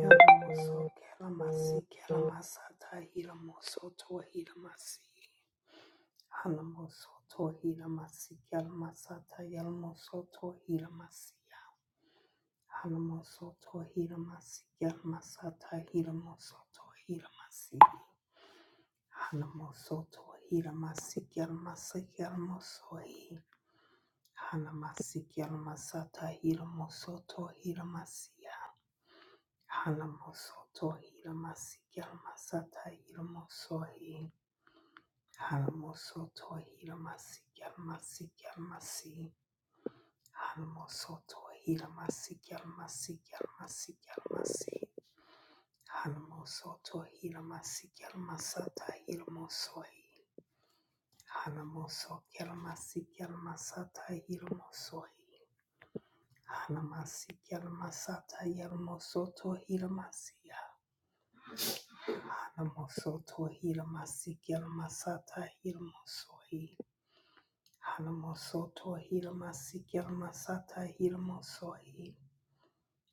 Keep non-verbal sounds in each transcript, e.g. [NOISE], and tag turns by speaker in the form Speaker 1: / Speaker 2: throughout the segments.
Speaker 1: Yalamoso kelamasi kelamasata hilamoso tohilamasi. Halamoso tohilamasi kelamasata yalamoso tohilamasi. Halamoso tohilamasi kelamasata hilamoso tohilamasi. Halamoso tohilamasi kelamasi kelamoso hi. Hanamasi kelamasata hilamoso tohilamasi. Halamosoto hilamasi gelmasata hilamosohi. Halamosoto hilamasi gelmasi gelmasi. Halamosoto hilamasi gelmasi gelmasi gelmasi. Halamosoto hilamasi gelmasata hilamosohi. Halamoso gelmasi gelmasata hilamosohi. Hanamasi gelmasata yelmosoto hilamasiya. Hanamosoto Hiramasik Masata Hirmosohi. Hanamosoto Hiramasik Masata Hirmosohi.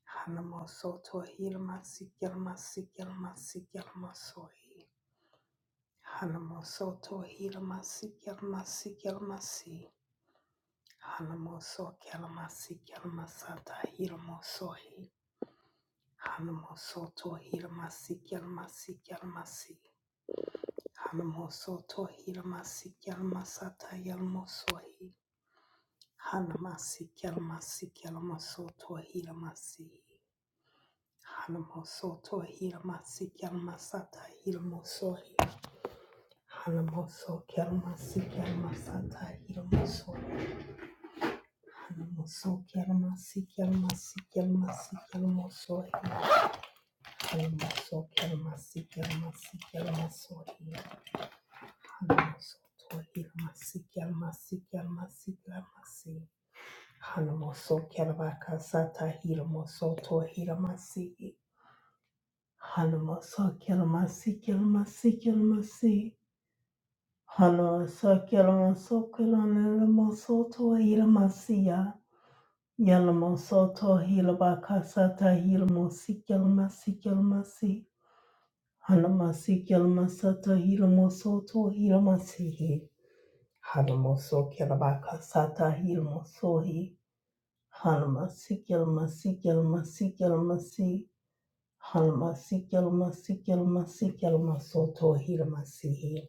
Speaker 1: Hanamosoto Hiramasik Masik Masik Masohi. Hanamosoto Hiramasik Masik Masi. Hanamoso Kelmasik Masata Hirmosohi. Hanamosoto Hiramasik Masik Masi. Hanamosoto Hiramasi Yalamasata Yalamosohi Hanamasi Yalamasi Yalamasoto Hiramasi Hanamosoto Hiramasi Yalamasata Hiramosohi Hanamoso Yalamasi Yalamasata Hiramosohi Hanamoso Yalamasi Yalamasi Yalamasi Yalamosohi Hanamoso Yalamasi Yalamasi Yalamasohi Hanamoso Hiramasi Yalamasi Yalamasi Yalamasi Hanamoso Kelabaka Sata Hiramoso To Hiramasi Hanamoso Kelamasi Kelamasi Kelamasi Hanamoso Kelamoso Kelanamoso To Hiramasiya Yalamoso To Hilabaka Sata Hiramosi Kelamasi Kelamasi Hanamasi Kelamasata Hiramoso To Hiramasihi Hanamoso kelabaka sata hilmosohi. Hanamasikelmasikilmasikilmasi. Hanamasikelmasikilmasikilmasoto hilmasihi.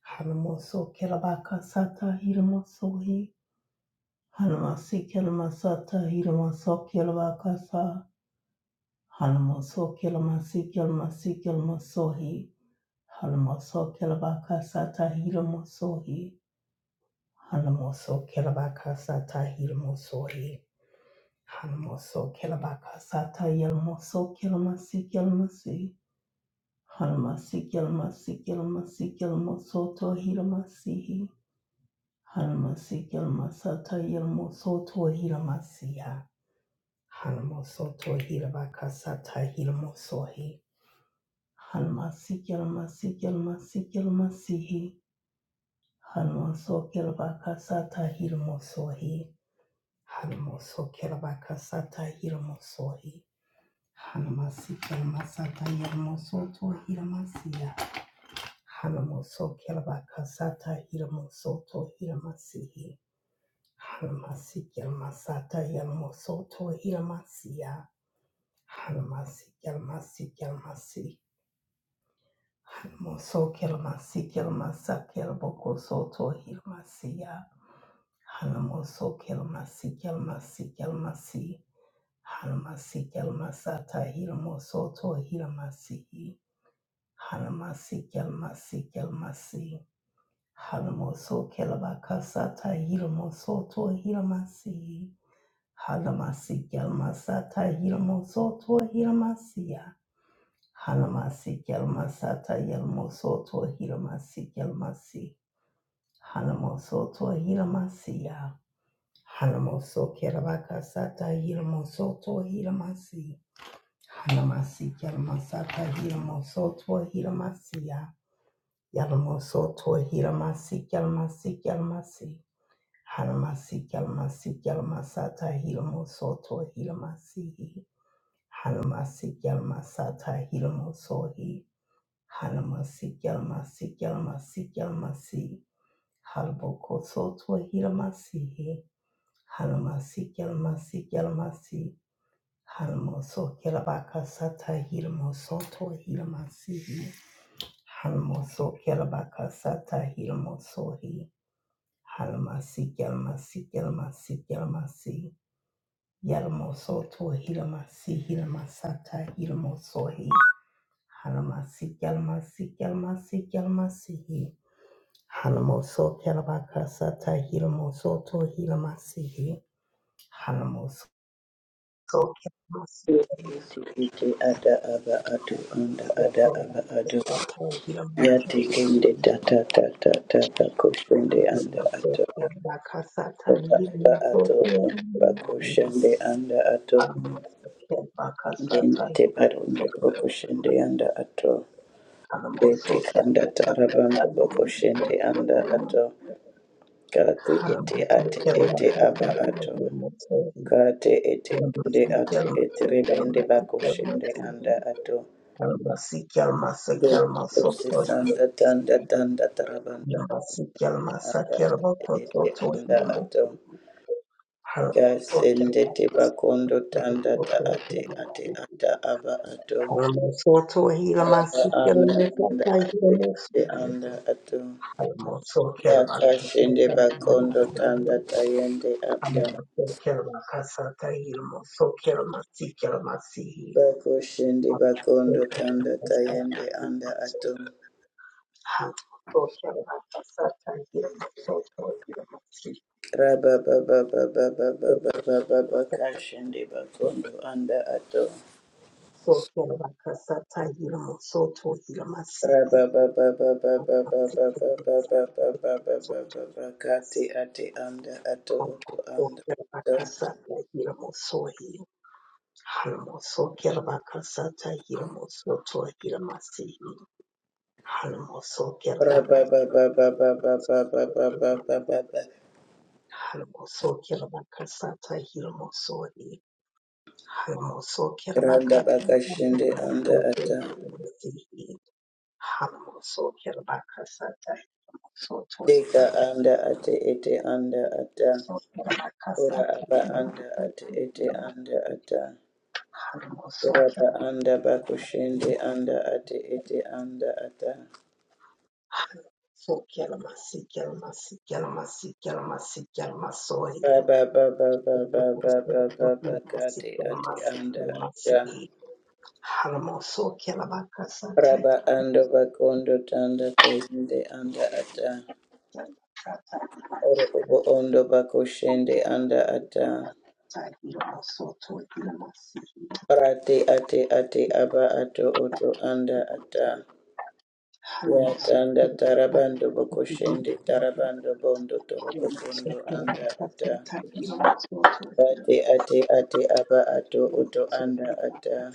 Speaker 1: Hanamoso kelabaka sata hilmosohi. Hanamasikelmasata hilmoso kelabaka sa. Hanamoso kelmasikilmasikilmasohi. Hanamoso kelabaka sata hilmosohi. Hanamoso kelabaka sata hirmosori. Hanamoso kelabaka sata yelmoso kelamasi kelamasi. Hanamasi kelmasi kelmasi kelmoso to hiramasi. Hanamasi kelamasata yelmoso to hiramasiya. Hanamoso to hirabaka sata hirmosohi. Hanamasi kelmasi kelamasi kelamasi. Hanamoso kelabaka sata hirmosohi. Hanamosokelabakasata hiramosohi. Hanamasikelmasata hiramosoto hiramasiya. Hanamosokelabakasata hiramosoto hiramasihi. Hanamasikelmasata hiramosoto hiramasiya. Hanamasikelmasikelmasi. Hanamosokelmasikelmasakelbokosoto hiramasiya. Hanamosokelmasikelmasikelmasi. Halamasi Kalmasata Hilamosoto Hilamasi Halamasi Kalmasi Kalmasi Halamoso Kalabakasata Hilamosoto Hilamasi Halamasi Kalmasata Hilamosoto Hilamasiya Halamasi Kalmasata Hilamosoto Hilamasi Kalmasi Halamosoto Hilamasiya Halamoso Kalabakasata Hilamosoto Hilamasi Hanamasi Yalamasata Hilamoso Tua Hilamasia Yalamoso Tua Hilamasi Yalamasi Yalamasi Hanamasi Yalamasi Yalamasata Hilamoso Tua Hilamasi Hanamasi Yalamasata Hilamoso Hi Hanamasi Yalamasi Yalamasi Yalamasi Halaboko So Tua Hilamasi Hanamasi Yalamasi Yalamasi Hanmoso kelabaka sata hirmo soto hirma sihi. Hanmoso kelabaka sata hirmo sohi. Hanma si kelma si kelma si kelma si. Yelmo soto hirma si hirma sata hirmo sohi. Hanma si kelma si si Hanmoso kelabaka sata hirmo soto hirma Hanmoso kelma si
Speaker 2: Iti ada aba adu anda ada
Speaker 1: kelma
Speaker 2: aba adu
Speaker 1: si
Speaker 2: yati kende tata tata tata kushende anda atu
Speaker 1: Bakasata
Speaker 2: aba
Speaker 1: hili
Speaker 2: aba atu
Speaker 1: soto
Speaker 2: aba kushende anda atu
Speaker 1: Amosoke bakasata
Speaker 2: dente
Speaker 1: hili
Speaker 2: parundu
Speaker 1: soto
Speaker 2: kushende anda atu dente
Speaker 1: Amosoke bakasata hili soto Amosoke
Speaker 2: kanda
Speaker 1: bakasata
Speaker 2: tarabandu
Speaker 1: hili
Speaker 2: kushende anda
Speaker 1: soto Amosoke
Speaker 2: atu kati ete ati
Speaker 1: Amosoke Amosoke Amosoke
Speaker 2: iti
Speaker 1: Amosoke
Speaker 2: aba atu kati ete kende
Speaker 1: Amosoke
Speaker 2: ati iti rebende
Speaker 1: Amosoke
Speaker 2: bakushende anda atu
Speaker 1: Amosoke
Speaker 2: The Sanda Danda Danda Tarabanda
Speaker 1: amosoke amosoke
Speaker 2: Anda Ate Ete Anda
Speaker 1: amosoke
Speaker 2: Ato
Speaker 1: Hallelujah.
Speaker 2: Kasende Tebakondo Tanda Ta Ate Ate Ata Aba Ato Araba Anda Anda Ate Ete Anda Ato Yakashende Bakondo Tanda Tayende Anda Bako Shende Bakondo Tanda Tayende Anda Ato Raba Baba Baba Baba Baba Baba Kashende Bakondo Anda Ato Kati ati anda ato oto anda ato. Randa bakashinde anda ata. Deka anda ate ete anda ata. Ora aba anda ate ete anda ata.
Speaker 1: Hallelujah.
Speaker 2: Ora ba anda bakushinde anda ate ete anda ata. Raba baba, baba, baba, baba, ba ba ba ba kati ati anda ata. Rabba, ando bakondo tanda toyende anda ata. Oro ubo ondo bakoshende anda ata. Rati ati ati aba ato oto anda ata. Ya tanda tarabando bakoshende tarabando bondo torobo kondo anda ata. Ati, ati ati aba ato oto anda ata.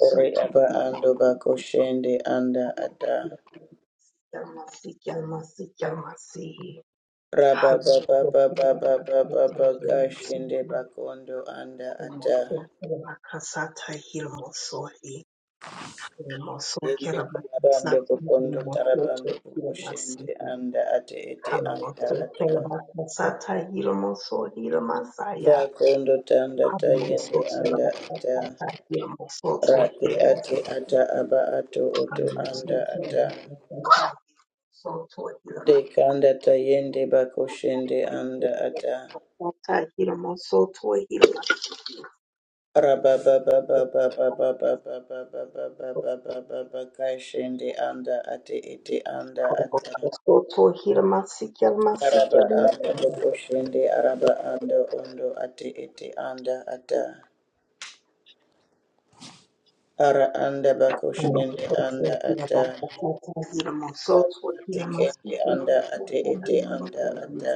Speaker 2: Ore aba ando bakoshende anda ata.
Speaker 1: Yalmasi, Yalmasi, Yalmasi.
Speaker 2: Rababababababababakashinde bakondo anda ata yende karabando bokondo tarabando bokoshinde anda ate ete anda ata bakondo tanda tayende anda ata rapi ate ata aba ato oto anda ata
Speaker 1: Soto
Speaker 2: dekanda tayende bakoshinde anda ata
Speaker 1: Hallelujah.
Speaker 2: Kashindi anda ati iti anda ata araba anda bakushindi araba anda undo ati iti anda ata ara anda bakushindi anda ata ati kendi anda ati iti anda ata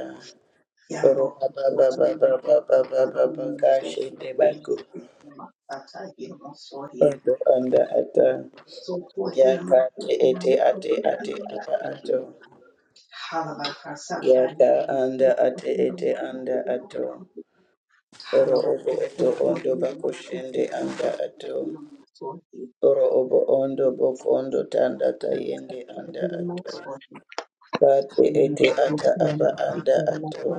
Speaker 2: oro baba baba baba baba baba kashindi baku undo anda ata ya kati iti ati ati ata ato Yaka anda ate ete anda ato. Oro
Speaker 1: Hallelujah.
Speaker 2: obo eto ondo bakushende anda ato. Oro obo ondo boko ondo tanda tayende anda ato. Kate ete ata aba anda ato.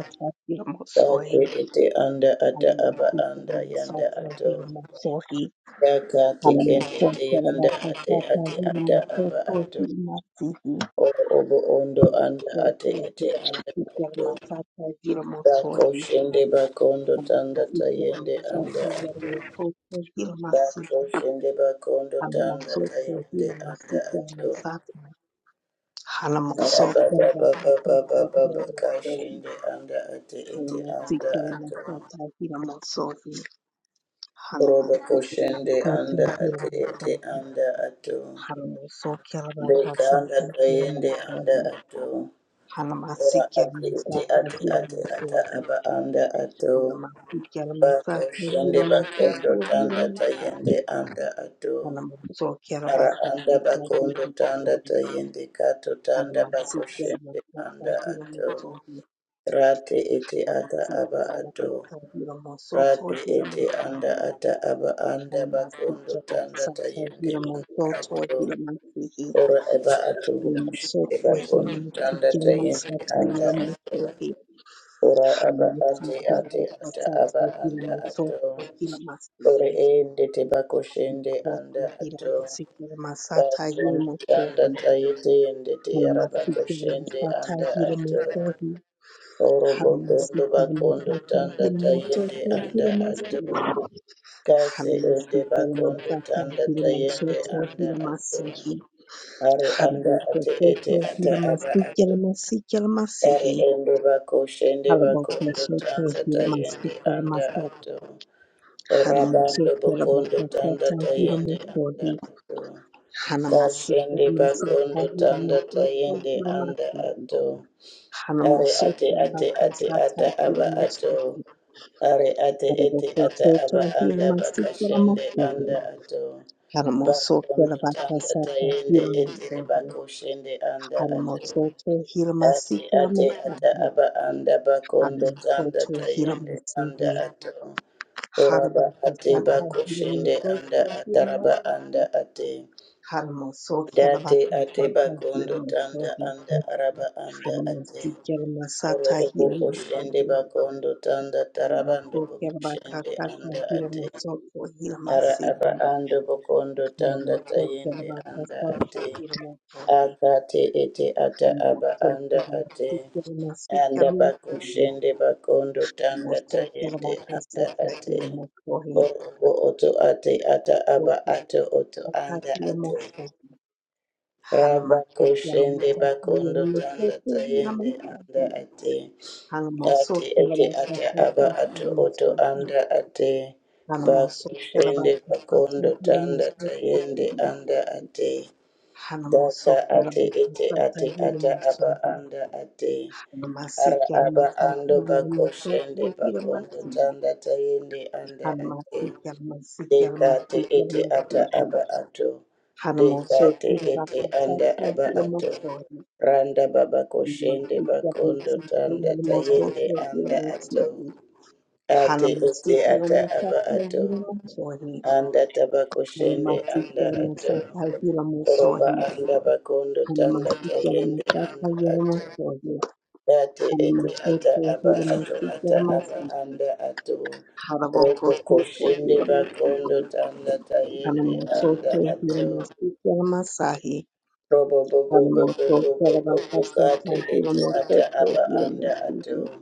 Speaker 2: Kate ete anda ata aba anda yanda ato. Yaka tekende te yanda ate ate ata aba ato. Oro obo ondo anda ate ete anda ato. Bako shende bakondo tanda tayende anda Bako shende bakondo tanda
Speaker 1: Halamosoto
Speaker 2: tayende
Speaker 1: hila
Speaker 2: anda
Speaker 1: masika ya
Speaker 2: ato.
Speaker 1: masaka.
Speaker 2: Araba
Speaker 1: Halamosoto ya
Speaker 2: baba baba
Speaker 1: masaka
Speaker 2: baba
Speaker 1: hila
Speaker 2: baka
Speaker 1: masaka.
Speaker 2: shende anda ate ete anda
Speaker 1: Halamasika ya
Speaker 2: ato.
Speaker 1: masaka hila masoto.
Speaker 2: Roba ko
Speaker 1: Halamasika ya
Speaker 2: shende anda
Speaker 1: masaka hila
Speaker 2: ate ete
Speaker 1: masaka.
Speaker 2: anda ato.
Speaker 1: Halamosoto ya
Speaker 2: Deka anda
Speaker 1: masaka hila
Speaker 2: tayende anda
Speaker 1: masaka.
Speaker 2: ato. Ora
Speaker 1: Halamasika ya
Speaker 2: ate ete
Speaker 1: masaka
Speaker 2: ate
Speaker 1: hila
Speaker 2: ate ata
Speaker 1: masaka.
Speaker 2: aba anda ato.
Speaker 1: Halamasika ya
Speaker 2: Bako
Speaker 1: masaka
Speaker 2: shende
Speaker 1: hila
Speaker 2: bakondo
Speaker 1: masoto hila
Speaker 2: tanda tayende
Speaker 1: masaka.
Speaker 2: anda ato.
Speaker 1: Halamosoto ya
Speaker 2: Ara
Speaker 1: masaka
Speaker 2: anda bakondo tanda tayende kato tanda bakoshende
Speaker 1: Alamatikaramakata
Speaker 2: anda ato.
Speaker 1: hiramotohi,
Speaker 2: rati ete ata aba ato.
Speaker 1: alamatikaramakata
Speaker 2: rati ete anda
Speaker 1: hiramosotohiramotihi,
Speaker 2: ata aba anda bakondo tanda
Speaker 1: alamatikaramatsata
Speaker 2: tayende anda ato.
Speaker 1: hiramosotohiramotihi,
Speaker 2: Ora eba ato bukushende bakondo tanda tayende
Speaker 1: hiramosotohiramotikiramatsata
Speaker 2: anda ato.
Speaker 1: hiramotohi,
Speaker 2: Ora aba ate ate ata aba
Speaker 1: alamatikaramakatsata
Speaker 2: anda ato. Ore
Speaker 1: hiramosotohiramastihi,
Speaker 2: ende te bakoshende anda ato.
Speaker 1: hiramosotohiramotikiramasata
Speaker 2: Bakundikanda
Speaker 1: hiramotohi,
Speaker 2: tayete yende teyara bakoshende
Speaker 1: alamatikaramakatsata
Speaker 2: anda ato.
Speaker 1: hiramotohi,
Speaker 2: Orobotondo bakondo
Speaker 1: Halamasikulamafata
Speaker 2: tanda
Speaker 1: hilamasoto
Speaker 2: tayende anda ato.
Speaker 1: hilamasi.
Speaker 2: Kase ende bakondo
Speaker 1: Halamasikulamasata
Speaker 2: tanda tayende
Speaker 1: hilamasoto
Speaker 2: anda ato.
Speaker 1: hilamasihi.
Speaker 2: Ari anda ate ete
Speaker 1: Halamokosoto
Speaker 2: ata aba ato. Ari
Speaker 1: hilamasikilamasikilamasihi.
Speaker 2: ende bakoshende bakondo
Speaker 1: Halamokosoto
Speaker 2: tanda tayende anda
Speaker 1: hilamasikilamasata.
Speaker 2: ato. Orabando bokondo tanda
Speaker 1: Halamasikulamafata
Speaker 2: tayende anda
Speaker 1: hilamokohi.
Speaker 2: ato. Kashende
Speaker 1: Halamasikilamasata
Speaker 2: bakondo tanda
Speaker 1: hilamokoto
Speaker 2: tayende anda
Speaker 1: hilamasihi.
Speaker 2: ato. Are
Speaker 1: Halamosoto
Speaker 2: ate ate ate ata
Speaker 1: hilamasata
Speaker 2: aba ato.
Speaker 1: hilamosoto.
Speaker 2: Are ate ete ata
Speaker 1: Arabakosotho
Speaker 2: aba anda
Speaker 1: hiramasikira
Speaker 2: bakashende
Speaker 1: masiri
Speaker 2: anda ato.
Speaker 1: haramosokhera
Speaker 2: Bakondo tanda
Speaker 1: vakasata
Speaker 2: tayende etiri
Speaker 1: hiramakohe
Speaker 2: bakoshende anda ato.
Speaker 1: haramosotho
Speaker 2: Ate
Speaker 1: hiramasikira
Speaker 2: ate ata
Speaker 1: masari
Speaker 2: aba anda bakondo tanda
Speaker 1: haramosotho
Speaker 2: tayende anda
Speaker 1: hiramasihi
Speaker 2: ato. Oraba ate
Speaker 1: harabakasata
Speaker 2: bakoshende anda
Speaker 1: hiramosotho
Speaker 2: ataraba
Speaker 1: hiramas
Speaker 2: anda ate.
Speaker 1: haramosokhera
Speaker 2: Date ate
Speaker 1: vakasata
Speaker 2: bakondo tanda
Speaker 1: hiramakohe
Speaker 2: anda araba anda ate.
Speaker 1: haramasikira
Speaker 2: Oro
Speaker 1: masata
Speaker 2: obo koshende
Speaker 1: hiramakohe
Speaker 2: bakondo tanda tarabando
Speaker 1: haramosokhera
Speaker 2: bokoshende
Speaker 1: vakasata
Speaker 2: anda ate.
Speaker 1: hiramosotho
Speaker 2: Ara
Speaker 1: hiramasihi
Speaker 2: aba ando bokondo tanda
Speaker 1: Hanamoso
Speaker 2: tayende
Speaker 1: Kelabaka,
Speaker 2: anda ate. Akate ete ata aba anda ate. Anda bakoshende bakondo tanda tayende anda ate. Oro obo oto ate ata aba ato oto anda ate. Rabakoshende bakondo tanda tayende anda ate ate ete ate aba ato oto anda ate bakoshende bakondo tanda tayende anda ate
Speaker 1: Hiramoso,
Speaker 2: daka ate ete ate ata aba anda ate ara
Speaker 1: Masikia
Speaker 2: aba ando
Speaker 1: masikia
Speaker 2: bakoshende
Speaker 1: mokoko ira
Speaker 2: bakondo
Speaker 1: masia
Speaker 2: tanda tayende anda
Speaker 1: har
Speaker 2: ate
Speaker 1: masikia masikia
Speaker 2: deka ate
Speaker 1: masikia
Speaker 2: ete ata
Speaker 1: masikia
Speaker 2: aba ato
Speaker 1: har
Speaker 2: deka
Speaker 1: moso
Speaker 2: ate
Speaker 1: ira
Speaker 2: ete
Speaker 1: kasa
Speaker 2: anda aba
Speaker 1: ira
Speaker 2: ato.
Speaker 1: moso
Speaker 2: Randa baba koshende
Speaker 1: masikia
Speaker 2: bakondo
Speaker 1: masikia
Speaker 2: tanda
Speaker 1: ira moso
Speaker 2: tayende
Speaker 1: ira
Speaker 2: anda ato.
Speaker 1: masia har
Speaker 2: Ate ete
Speaker 1: masikia
Speaker 2: ata aba
Speaker 1: masikia
Speaker 2: ato.
Speaker 1: ira moso
Speaker 2: Anda taba
Speaker 1: har
Speaker 2: koshende anda
Speaker 1: masikia
Speaker 2: ato.
Speaker 1: masikia ira moso har
Speaker 2: Roba anda bakondo tanda
Speaker 1: masikia masikia ira moso har
Speaker 2: tayende anda ato.
Speaker 1: moso
Speaker 2: Date ete ata aba
Speaker 1: ira
Speaker 2: ato ata
Speaker 1: masikia
Speaker 2: aba
Speaker 1: masikia
Speaker 2: anda ato. Robo
Speaker 1: Karabokoso
Speaker 2: koshende
Speaker 1: hira masigo,
Speaker 2: bakondo tanda tayende
Speaker 1: karamoso
Speaker 2: anda
Speaker 1: hira
Speaker 2: ato.
Speaker 1: masiki amasahi,
Speaker 2: Robo bobo bobo
Speaker 1: karamoso
Speaker 2: bobo bobo
Speaker 1: karabakasa
Speaker 2: kate
Speaker 1: hira
Speaker 2: ete
Speaker 1: moso
Speaker 2: ata aba
Speaker 1: hira
Speaker 2: anda
Speaker 1: masigo,
Speaker 2: ato.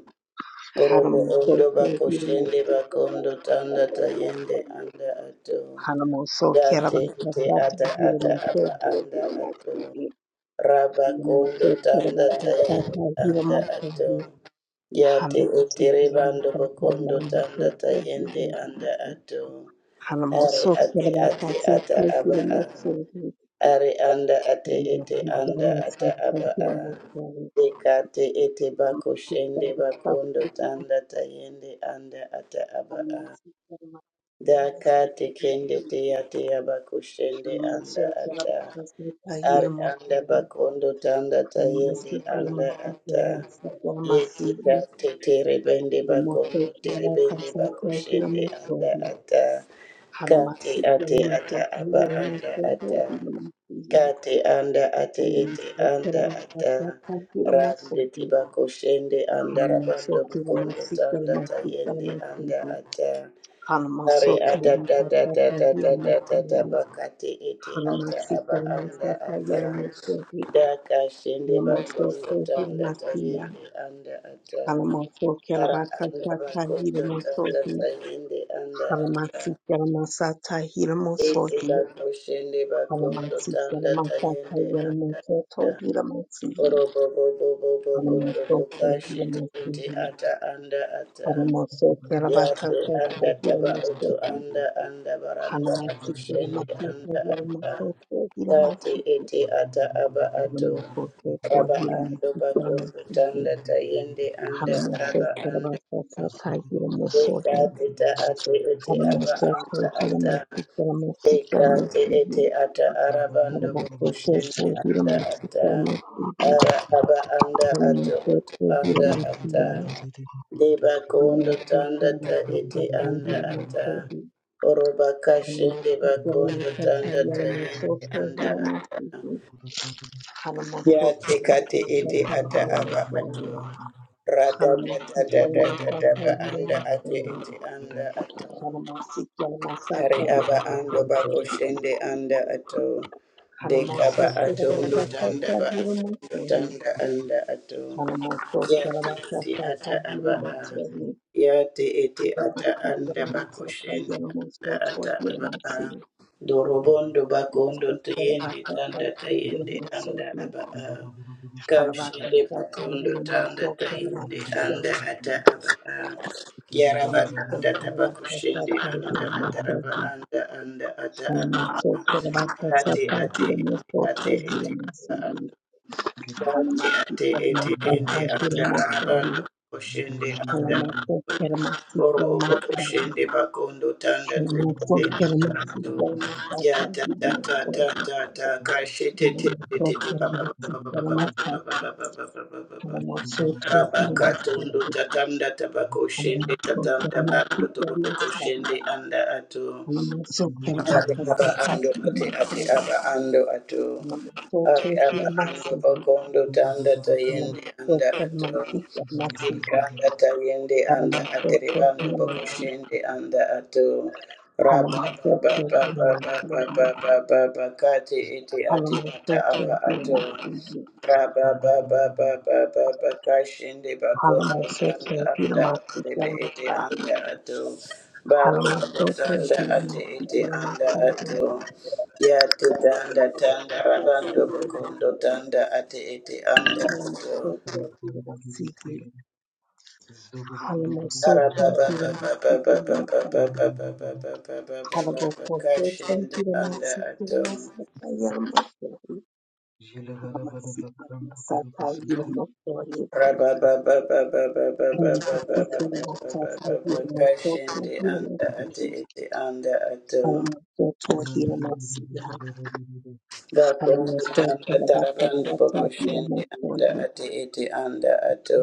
Speaker 2: Orobo
Speaker 1: karamoso
Speaker 2: ondo bako
Speaker 1: hira
Speaker 2: shende
Speaker 1: moso
Speaker 2: bako
Speaker 1: karamoso
Speaker 2: ondo tanda
Speaker 1: karabakasa
Speaker 2: tayende anda ato.
Speaker 1: hira moso hira masigo, karamoso
Speaker 2: Yate ite
Speaker 1: karabakasa
Speaker 2: ata
Speaker 1: hira
Speaker 2: ata
Speaker 1: moso
Speaker 2: aba anda
Speaker 1: hira
Speaker 2: ato.
Speaker 1: masigo,
Speaker 2: Raba kondo
Speaker 1: karamoso
Speaker 2: tanda tayende
Speaker 1: karabakasa hira
Speaker 2: anda
Speaker 1: moso
Speaker 2: ato. Yate ite rebando bakondo tanda
Speaker 1: hira
Speaker 2: tayende anda
Speaker 1: masigo.
Speaker 2: ato. Are
Speaker 1: Hanamoso
Speaker 2: ate ate
Speaker 1: Kerabasa
Speaker 2: ata aba a.
Speaker 1: Kofilamoso
Speaker 2: Are anda ate ete
Speaker 1: Kerabasa
Speaker 2: anda
Speaker 1: Kofilamoso
Speaker 2: ata aba a.
Speaker 1: Kerabasa
Speaker 2: Dekate ete bakushende bakondo tanda tayende anda ata aba a.
Speaker 1: Kofilamoso Kerabasa
Speaker 2: Dakate
Speaker 1: Kerabasa
Speaker 2: kende te
Speaker 1: Kayirmoso
Speaker 2: ate abakoshende anda
Speaker 1: Kerabasa
Speaker 2: ata.
Speaker 1: Kerabasa
Speaker 2: Are anda bakondo tanda tayende anda ata.
Speaker 1: Kerabasa Kerabasa
Speaker 2: Yeti kate terebende
Speaker 1: Kerabasa
Speaker 2: bakondo terebende
Speaker 1: Kerabasa
Speaker 2: bakushende
Speaker 1: Kofilamoso
Speaker 2: anda ata. Kate
Speaker 1: Hanamasi
Speaker 2: ate
Speaker 1: Kerabasa
Speaker 2: ata aba anda
Speaker 1: Kofilamoso
Speaker 2: ata.
Speaker 1: Kerabasa
Speaker 2: Kati anda ate ete anda ata
Speaker 1: Kerabasa Kerabasa
Speaker 2: rande
Speaker 1: Kofilamoso
Speaker 2: tiba koshende anda rabando
Speaker 1: Kalamasoki
Speaker 2: bukondo
Speaker 1: Ramasi
Speaker 2: tanda
Speaker 1: Kalamasi
Speaker 2: tayende anda
Speaker 1: Kalamasiki
Speaker 2: ata ari
Speaker 1: Kalamasoki
Speaker 2: ada da da da
Speaker 1: Ramasaka
Speaker 2: da da da da
Speaker 1: Yamasi
Speaker 2: da bakati ete ata
Speaker 1: Kalamasi
Speaker 2: aba anda
Speaker 1: Kalamasaka
Speaker 2: ata
Speaker 1: Yamasoki
Speaker 2: daka shende bakondo
Speaker 1: Kalamasoki
Speaker 2: tanda
Speaker 1: Ramasiya
Speaker 2: tayende anda ata
Speaker 1: Kalamasoki
Speaker 2: ara anda
Speaker 1: Rabakasaka
Speaker 2: bakondo tanda
Speaker 1: Yamasoki
Speaker 2: tayende anda ata
Speaker 1: Kalamasi Kalamasata
Speaker 2: ete
Speaker 1: Yamasoki
Speaker 2: bakoshende bakondo
Speaker 1: Kalamasi
Speaker 2: tanda
Speaker 1: Kalamasaka
Speaker 2: tayende anda
Speaker 1: Yamasoto
Speaker 2: ata
Speaker 1: Yamasi
Speaker 2: Oro bobo bobo bobo bobo
Speaker 1: Kalamasoki
Speaker 2: kashi
Speaker 1: Yamasi
Speaker 2: eti ata anda ata
Speaker 1: Kalamasoki
Speaker 2: yafe
Speaker 1: Rabakasaka
Speaker 2: anda aba auto
Speaker 1: Yamasoki
Speaker 2: anda anda baranda
Speaker 3: Thank
Speaker 1: Hanamasiki
Speaker 2: kushendi
Speaker 1: Ramatata
Speaker 2: anda ata
Speaker 1: Yaramasoto
Speaker 2: tati
Speaker 1: Hiramasiki
Speaker 2: eti ata aba auto
Speaker 1: Ramokoto
Speaker 2: aba anda
Speaker 1: Hiramasiki
Speaker 2: bakun
Speaker 1: Ramasiki
Speaker 2: butanda ta yende anda aba
Speaker 1: Hanamosoto
Speaker 2: anda
Speaker 1: Ramatata
Speaker 2: eto
Speaker 1: Hiramosohi
Speaker 2: jikati ata eti aba
Speaker 1: Hanamosoto
Speaker 2: anda ata.
Speaker 1: Hiramasiki Ramasiki
Speaker 2: Ikati ete
Speaker 1: Ramasihi
Speaker 2: ata arabando bokushende
Speaker 1: Hanamosoto
Speaker 2: anda
Speaker 1: Hiramasiki
Speaker 2: ata
Speaker 1: Ramasihi
Speaker 2: ara aba anda ato oto
Speaker 1: Hanamosoto
Speaker 2: anda ata
Speaker 1: Hiramasiya
Speaker 2: deba kondo
Speaker 1: Hanamosoto
Speaker 2: tanda ta ete
Speaker 1: Ramatata Hiramosohi
Speaker 2: anda ata
Speaker 1: Hanamosoto
Speaker 2: oroba kashende bakondo
Speaker 1: Ramatata
Speaker 2: tanda ta yende
Speaker 1: Yaramasoto
Speaker 2: anda ata
Speaker 1: Hiramasihi
Speaker 2: ya
Speaker 1: Halabakkuk,
Speaker 2: tekate ete ata aba ato rada
Speaker 1: I'll
Speaker 2: da da da da da da ba
Speaker 1: tell you
Speaker 2: anda ate ete anda ato Ari aba ando bako shende anda ato. De kaba ato ndo tanda ba ato ndo tanda anda ato. Ya te ete ata aba a. Ya te ete ata anda bako shende anda ata aba a. Dorobondo bako ndo tuyende tanda tayende anda
Speaker 1: the
Speaker 2: aba a. Kashinde pakondo tanda
Speaker 1: most,
Speaker 2: tayinde anda
Speaker 1: so,
Speaker 2: ata abaka
Speaker 1: I am
Speaker 2: yaraba anda tabakushinde anda ataraba anda anda ata
Speaker 1: not
Speaker 2: abaka ate ate ete ate ete Ati ati eti ende anda abando kushende anda oro obo kushende bakondo tanda kushende anda atu ya ta ta ta ta ta ta kashete te te te te ba ba ba ba ba ba ba ba ba ba ba ba ba ba ba ba Baba katundo tatanda tabako shende tatanda bando
Speaker 1: Thank
Speaker 2: turubo
Speaker 1: sure.
Speaker 2: kushende anda atu
Speaker 1: Namasokera
Speaker 2: ate aba ando
Speaker 1: akasatati
Speaker 2: ate ate
Speaker 1: imasoro,
Speaker 2: aba ando atu
Speaker 1: namasoto
Speaker 2: ari aba ando
Speaker 1: hiramasihi,
Speaker 2: bakondo tanda tayende anda
Speaker 1: namasoto
Speaker 2: ato
Speaker 1: masika masihi,
Speaker 2: ikanda tayende anda atere
Speaker 1: namasoto
Speaker 2: bando
Speaker 1: hiramasi, namasoto
Speaker 2: anda ato raba baba baba
Speaker 1: hiramasihi, namasoto hiramasihi,
Speaker 2: baba baba baba kati iti ati ata
Speaker 1: namasoto
Speaker 2: aba
Speaker 1: hiramasi
Speaker 2: ato
Speaker 3: you.
Speaker 2: Raba ba ba ba ba ba ba kashinde bakondo tanda
Speaker 1: hiramasahi, namasoto
Speaker 2: anda
Speaker 1: hiramasi hiramasahi, namasoto hiramasi
Speaker 2: akurebe ete anda ato bakondo tanda ati
Speaker 1: hiramasahi,
Speaker 2: ete anda
Speaker 1: namasoto
Speaker 2: ato yate tanda tanda rabando bakondo tanda ati ete anda ato
Speaker 3: Thank
Speaker 1: hiramasi Halamosoto
Speaker 2: araba ba ba ba ba ba ba ba
Speaker 1: Hidamasata
Speaker 2: ba ba ba ba ba ba ba ba ba ba
Speaker 1: Halabokoto
Speaker 2: kashinde anda ato
Speaker 1: Hidamasata Yamatori Halamasita Masata Hidamotori Halamasita Masata Hidamosoto
Speaker 2: Kashindi anda ati
Speaker 1: Hidamasata
Speaker 2: iti anda ato.
Speaker 1: Halamosoto Hidamasata Halamosoto Hidamasata Hidamotori
Speaker 2: Bakundu tanda
Speaker 1: Halamosoto
Speaker 2: tarabandu bokushindi anda ati iti anda ato.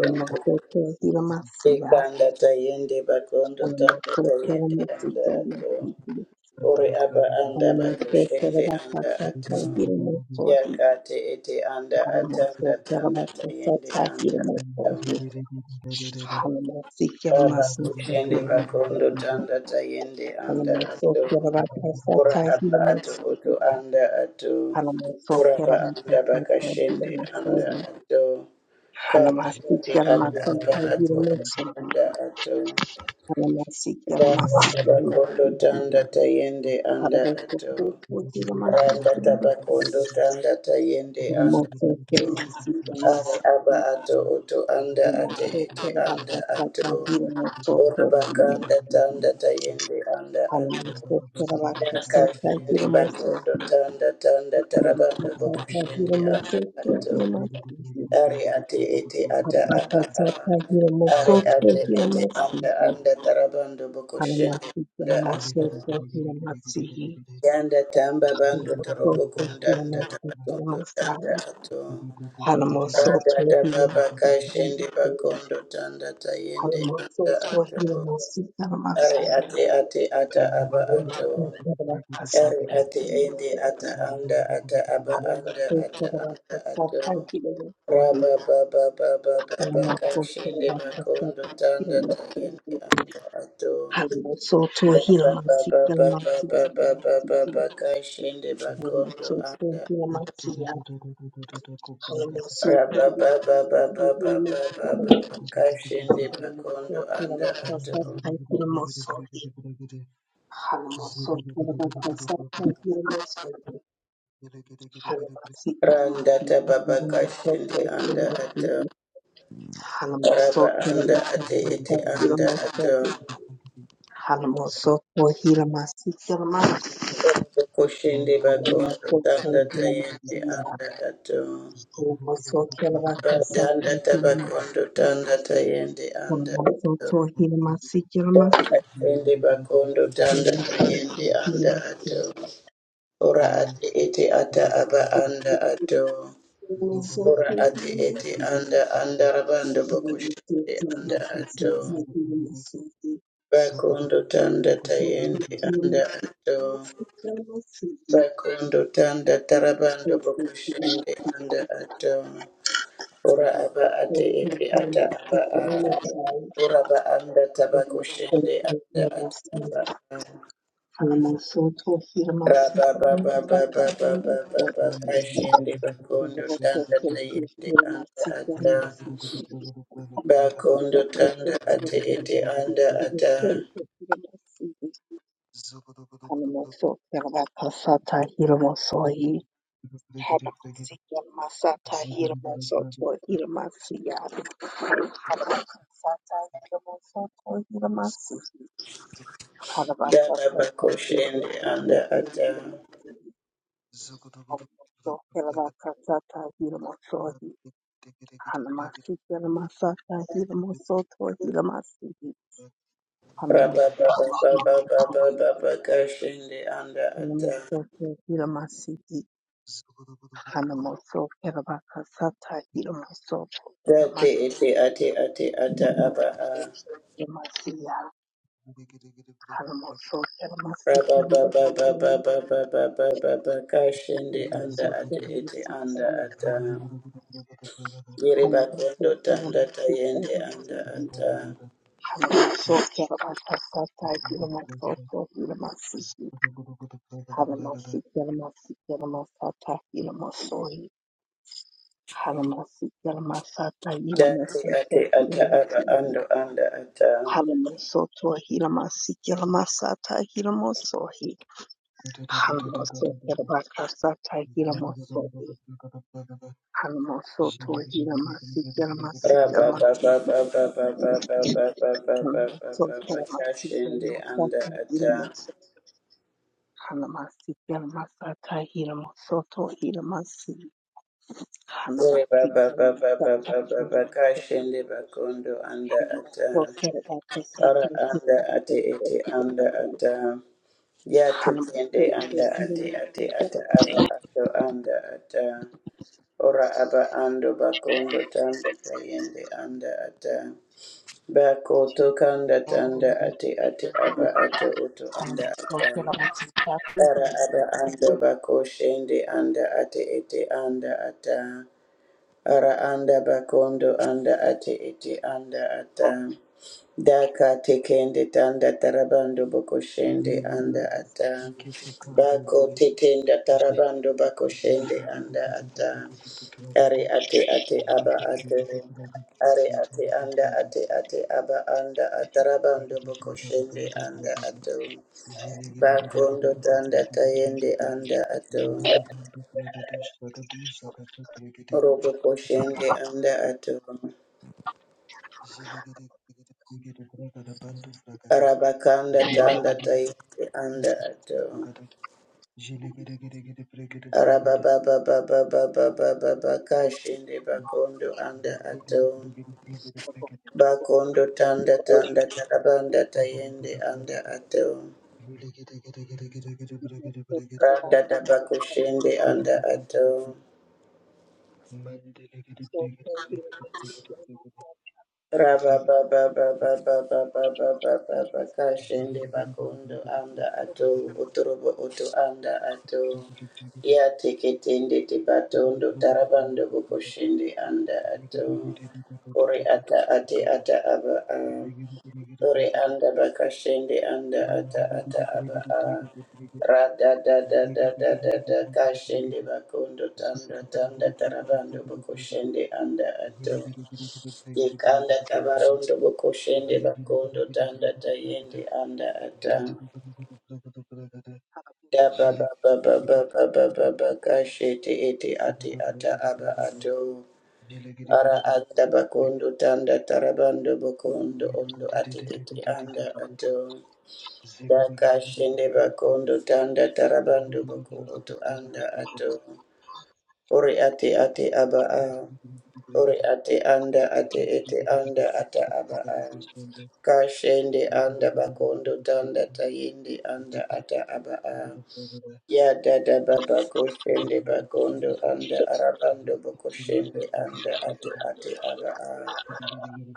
Speaker 1: Hidamasata
Speaker 2: Ikanda tayindi bakundu tanda
Speaker 1: Halamosoto
Speaker 2: tayindi anda ato.
Speaker 1: Hidamasata
Speaker 2: Uri aba anda
Speaker 1: Hallelujah.
Speaker 2: bakushindi anda ato. Yakati iti anda atanda tanda tayindi anda ato. Baba kushende bakondo tanda tayende anda ato. Ora aba ato oto anda ato. Ora ba anda bakashende anda ato. Kati ata aba ato oto
Speaker 3: you.
Speaker 2: anda ato. Damba bakondo tanda tayende anda ato randa tabakondo tanda tayende anda ato ari aba ato oto anda ate
Speaker 1: Hallelujah.
Speaker 2: ete anda ato ora bakanda tanda tayende anda ato daka shende bakondo tanda tanda tarabando boko shende anda
Speaker 3: Thank
Speaker 2: ato
Speaker 3: you.
Speaker 2: ari ate ete ata aba aba ari ate ete anda anda tarabando boko shende Yanda tamba bando torobo kundanda tabatondo tanda ato. Ada da baba kashende bakondo tanda tayende anda ato. Ari ate ate ata aba ato.
Speaker 1: Hallelujah.
Speaker 2: Ari ate ende ata anda ata aba anda ata anda ato. Raba baba baba baba kashende bakondo tanda tayende anda ato. Kashinde bakondo anga Kashinde bakondo anda ato
Speaker 1: Hallelujah.
Speaker 2: Randa tababa kashinde anda ato Raba anda ate
Speaker 3: Man,
Speaker 2: ete anda ato Kushinde bakondo tanda tayende anda ato Radanda tabakondo tanda tayende anda Ende bakondo tanda yende anda ato. Ora ate ete ata aba anda ato. Ora ate ete anda anda rabando bokushende anda ato. Bakondo tanda
Speaker 1: Thank
Speaker 2: tayende anda ato. Bakondo tanda tarabando bokushende anda ato. Ora aba ate ete ata aba a. Ora ba anda tabakushende anda ato aba a. Rababababababababa kashende bakondo tanda tayende anda ata bakondo tanda
Speaker 3: Zugudu
Speaker 2: ate ete anda ata
Speaker 1: you. Hanamasiki Masata Hiramosoto Hiramasiyabi Hanamasata Hiramosoto Hiramasi
Speaker 2: daba
Speaker 1: Hanamasata
Speaker 2: bakoshende anda
Speaker 1: Hiramosoto
Speaker 2: ata
Speaker 1: Hiramasi Hanamosoto Hiramakasata Hiramosohi Hanamasiki Masata Hiramosoto Hiramasi Hanamosoto Hiramasi
Speaker 2: rababababababababa kashende anda ata
Speaker 1: Hanamosoto Hiramasi Hanamosoto Hiramakasata Hiramosoto
Speaker 2: date
Speaker 1: Hiramasi
Speaker 2: ete ate ate ata aba a
Speaker 1: Hallelujah.
Speaker 2: rabababababababababa kashende anda ate ete anda ata Yereba kondo tanda tayende anda ata. Dati ate ata aba ando anda ata.
Speaker 1: Soto hila masiki la masata hila mosohi. Hanamoso Kerabakasa
Speaker 3: Jele
Speaker 1: Tahiramoso Hanamoso Tohiramasi Keramasi
Speaker 2: Raba ba ba
Speaker 1: Keramasi
Speaker 2: ba ba ba ba ba ba ba ba ba ba ba
Speaker 1: Hanamoso
Speaker 2: ba
Speaker 1: Keramasi
Speaker 2: kashende
Speaker 1: Keramasa
Speaker 2: anda ata.
Speaker 1: Tahiramoso Hanamasi Keramasa Tahiramoso Tohiramasi
Speaker 2: Yereba
Speaker 1: Hanamasi
Speaker 2: ba ba
Speaker 1: Keramasa
Speaker 2: ba ba ba ba ba
Speaker 1: Tahiramoso
Speaker 2: kashende bakondo anda ata.
Speaker 1: Hanamoso Kerabakasa
Speaker 2: Ara
Speaker 1: Tahiramoso
Speaker 2: anda ate ete anda ata. Ya
Speaker 1: Hanamoso
Speaker 2: tukende anda ate
Speaker 1: Tohiramasi
Speaker 2: ate ata aba
Speaker 1: Keramasi
Speaker 2: ando anda ata. Ora aba ando bakondo tanda tayende anda ata. Bako tokanda tanda ate ate aba ato oto anda
Speaker 1: Hanamoso
Speaker 2: ata.
Speaker 1: Keramasa
Speaker 2: Ara aba ando bako shende anda ate ete anda ata. Ara anda bakondo anda ate ete anda ata. Daka tekende tanda tarabando boko shende anda ata. Bako tetenda tarabando bako shende anda ata. Ari ate ate aba ato. Ari ate anda ate ate aba anda ataraba ando boko shende anda ato. Bakondo tanda tayende anda ato. Robo koshende anda ato. Arabakanda
Speaker 1: Tahiramoso
Speaker 2: tanda tayende anda ato.
Speaker 3: Ziggy,
Speaker 2: Araba baba bakondo anda ato. Bakondo tanda
Speaker 1: Glory be
Speaker 2: tanda tarabanda tayende anda ato.
Speaker 1: to
Speaker 2: Randa daba kushende anda ato. Raba baba baba baba baba baba baka shende bakondo anda ato. Uturobo utu anda ato. Ya teketende tibatondo tarabando buko shende anda ato. Ore ata ate ata aba. Ore anda bakashende anda ata ata aba a rada da da da da da da kashende bakondo
Speaker 3: Zebra
Speaker 2: tanda tanda tarabando bokoshende anda ato yekanda tabarondo bokoshende bakondo tanda tayende anda ata da ba ba ba ba ba ba ba ba ba kashete ete ate ata aba ato ara anda bakondo tanda tarabando bokondo ondo ate ete anda ato Dakashende bakondo tanda tarabando boko oto anda ato. Ore ate ate aba a. Ore ate anda ate ete anda ata aba a. Kashende anda bakondo tanda tayende anda ata aba a.
Speaker 3: Zulu
Speaker 2: Ya dada baba koshende bakondo anda arabando boko shende anda ate ate aba a.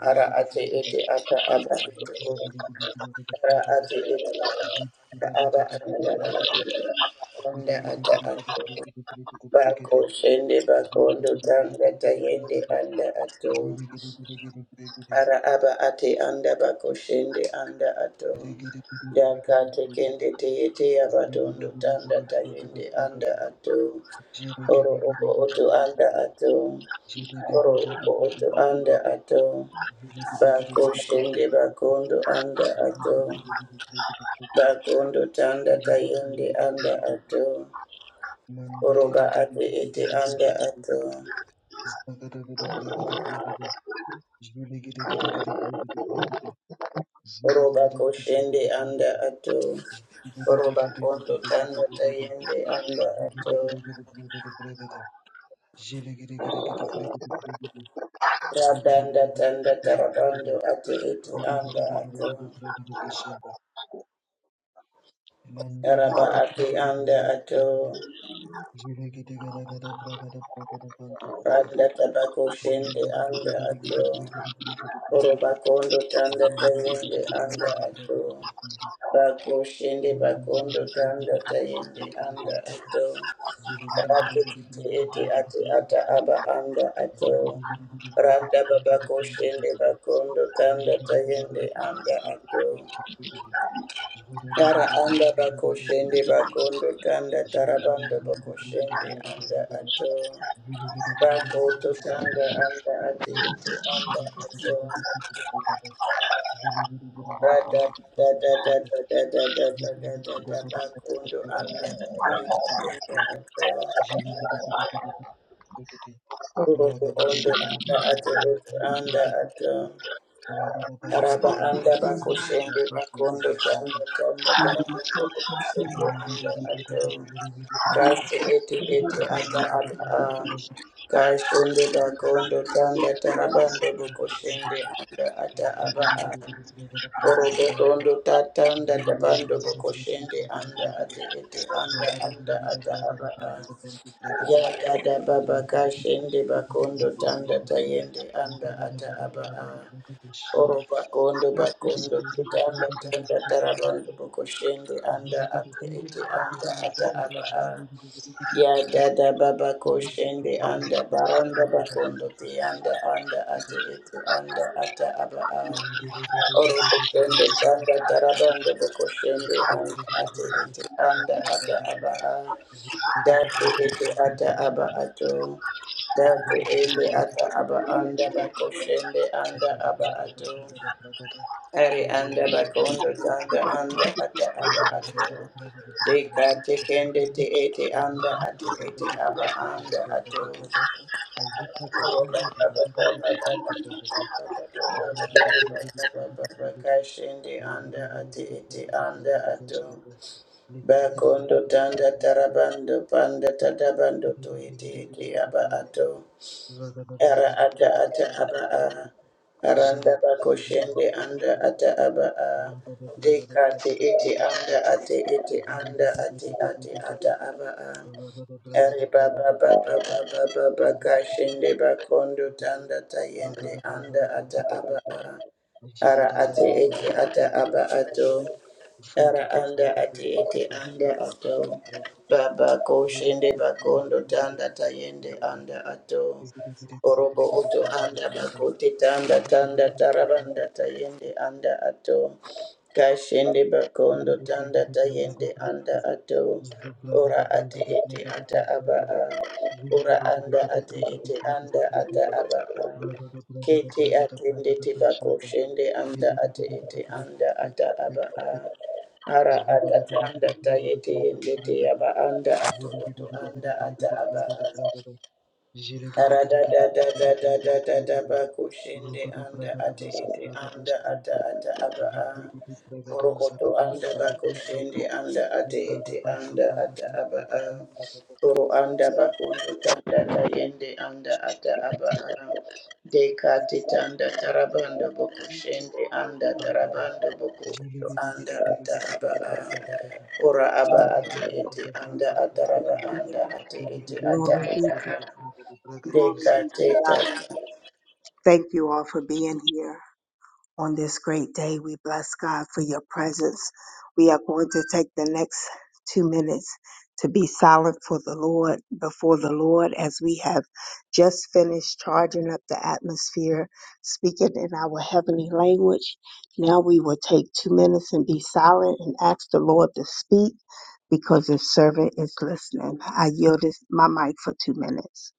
Speaker 2: Ara ate ete ata aba ato. Ara ate ete ata aba anda anda ata ato bako shende bakondo tanga tayende anda ato ara aba ate anda bako shende anda ato daka tekende teyete abatondo tanda tayende anda ato oro oko oto anda ato oro oko oto anda ato
Speaker 3: Zvigidigidi
Speaker 2: bako shende bakondo anda ato bakondo tanda tayende anda ato oroba ate ete anda ato Oroba koshende anda ato. Oroba kondo tanda tayende anda ato. Radanda tanda tarabando ate ete anda ato. Araba
Speaker 3: Mandelegede
Speaker 2: ate anda ato.
Speaker 3: Jelegede Garagada Bragada Bragada Bantu Bragada
Speaker 2: Randa tabako shende
Speaker 3: Jelegede Gede
Speaker 2: anda
Speaker 3: Gede
Speaker 2: ato.
Speaker 3: Gede Bregede Bregede Bregede
Speaker 2: Oroba kondo tanda
Speaker 3: Zuru Gudu
Speaker 2: tayende
Speaker 3: Gudu
Speaker 2: anda
Speaker 3: Bragada
Speaker 2: ato.
Speaker 3: Bragada Persundu
Speaker 2: Bako shende bakondo
Speaker 3: Mandelegede
Speaker 2: tanda
Speaker 3: Bregede Bregede
Speaker 2: tayende
Speaker 3: Bragada
Speaker 2: anda
Speaker 3: Bragada
Speaker 2: ato.
Speaker 3: Jelegede Gede
Speaker 2: Rakiti
Speaker 3: Gede Bregede
Speaker 2: iti
Speaker 3: Bregede
Speaker 2: ati
Speaker 3: Bregede
Speaker 2: ata aba
Speaker 3: Bregede
Speaker 2: anda ato.
Speaker 3: Zuru Gudu Gudu Bragada
Speaker 2: Randa baba
Speaker 3: Bragada Bantu
Speaker 2: koshende
Speaker 3: Bragada
Speaker 2: bakondo tanda
Speaker 3: Jelegede Gede
Speaker 2: tayende
Speaker 3: Gede Bregede Bregede Bregede
Speaker 2: anda ato.
Speaker 3: Bregede Jelegede
Speaker 2: Tara
Speaker 3: Gede Gede
Speaker 2: anda
Speaker 3: Gede Bregede
Speaker 2: bakoshende
Speaker 3: Bregede Bregede
Speaker 2: bakondo tanda
Speaker 3: Thank
Speaker 2: tarabando
Speaker 3: you.
Speaker 2: bakoshende anda ato. Bako to tanda anda ati iti anda ato. Rada da da da da da da da da da da da bakondo anda ati iti anda ato. Uruku ondo anda ato iti anda ato. Araba anda bakushende bakondo tanda tanda tarakondo bakushende anda ato. Kashi eti eti ata ata a. Kashende bakondo tanda tarabando
Speaker 3: Thank
Speaker 2: bakushende anda ata aba a. Orobo tondo tatanda tabando bakushende anda ati eti anda anda ata aba a. Ya dada baba kashende bakondo tanda tayende anda ata aba a. Oropa kondo bakondo tukanda tanda tarabando koshendo anda ate ete anda ata aba a ya dada baba koshende anda baranda bakondo te anda anda ate ete anda ata aba a oropo kondo tanda
Speaker 3: you.
Speaker 2: tarabando
Speaker 3: Thank
Speaker 2: koshende anda ate ete anda ata aba a date ete ata aba ato date ende ata aba anda bakoshende anda aba ato Ari anda bakondo tanda anda
Speaker 3: you.
Speaker 2: ata aba ato. Deka tekende te ete anda ato ete aba anda ato. Oroba baba baba baba baba baba baba baba baba kashende anda ate ete anda ato. Bakondo tanda tarabando panda tadabando
Speaker 3: Thank
Speaker 2: to ete ete aba ato. Ara ata ata aba a. Aranda bako shende anda ata aba a. Deka te ete anda ate ete anda ate ate ata aba a. Ari baba baba baba baba ka shende bakondo tanda tayende anda ata aba a. Ara ate ete ata aba ato. Ara anda ati ete anda ato. Baba koshende bakondo tanda tayende
Speaker 3: you.
Speaker 2: anda
Speaker 3: Zugu
Speaker 2: ato. Orobo oto anda bakote tanda tanda tarabanda tayende anda ato. Kashende bakondo tanda tayende anda ato. Ora ati ete ata aba a. Ora anda ati ete anda ata aba a. Kete atende tiba koshende anda ati ete anda ata aba a. Ara atatanda tayete yendete aba anda ato oto anda ata aba anda. Ara da da da da da da da da ba kushinde anda ate ete anda ata ata aba a.
Speaker 3: Jivregede bragado
Speaker 2: Orokoto
Speaker 3: zagadu
Speaker 2: anda bako
Speaker 3: zagadu zaga
Speaker 2: anda ate
Speaker 3: lebrada
Speaker 2: ete
Speaker 3: bantu
Speaker 2: anda
Speaker 3: brada
Speaker 2: ata
Speaker 3: du
Speaker 2: aba a.
Speaker 3: zagada
Speaker 2: Oro anda bako tanda tayende anda ata aba a. Deka
Speaker 3: dik
Speaker 2: tanda tarabando boko anda
Speaker 3: bragado
Speaker 2: tarabando boko
Speaker 3: Jivregede gede
Speaker 2: anda
Speaker 3: gede
Speaker 2: ata
Speaker 3: gede gede
Speaker 2: aba a.
Speaker 3: gede gede gede
Speaker 2: Ora aba
Speaker 3: bragado
Speaker 2: ate ete
Speaker 3: zagada
Speaker 2: anda
Speaker 3: bantu
Speaker 2: ataraba
Speaker 3: bragado
Speaker 2: anda ate ete
Speaker 3: Jivregede
Speaker 2: ata
Speaker 3: gede gede
Speaker 2: aba a.
Speaker 3: bragado bragado bragado
Speaker 1: glory
Speaker 2: Deka
Speaker 1: be
Speaker 3: zata
Speaker 1: to God.
Speaker 2: tata.
Speaker 1: Thank you all for being here. on this great day. We bless God for your presence. We are going to take the next two minutes to be silent for the Lord, before the Lord, as we have just finished charging up the atmosphere, speaking in our heavenly language. Now we will take two minutes and be silent and ask the Lord to speak because his servant is listening. I yield this, my mic for two minutes.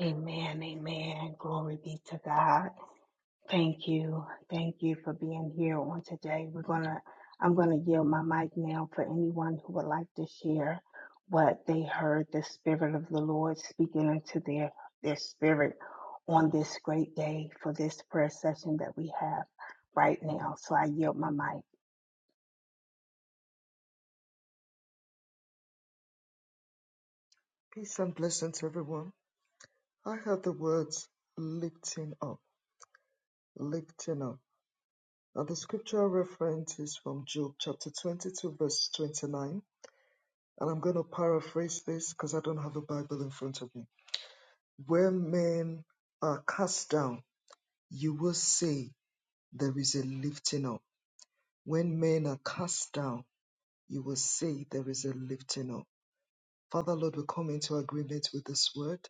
Speaker 1: Amen, amen. Glory be to God. Thank you. Thank you for being here on today. We're going to, I'm going to yield my mic now for anyone who would like to share what they heard the Spirit of the Lord speaking into their, their spirit on this great day for this prayer session that we have right now. So I yield my mic.
Speaker 3: Peace and blessings everyone. I heard the words lifting up, lifting up. Now the scripture reference is from Job chapter 22 verse 29 And I'm going to paraphrase this because I don't have a Bible in front of me. Where men are cast down, you will say there is a lifting up. When men are cast down, you will say there is a lifting up. Father, Lord, we come into agreement with this word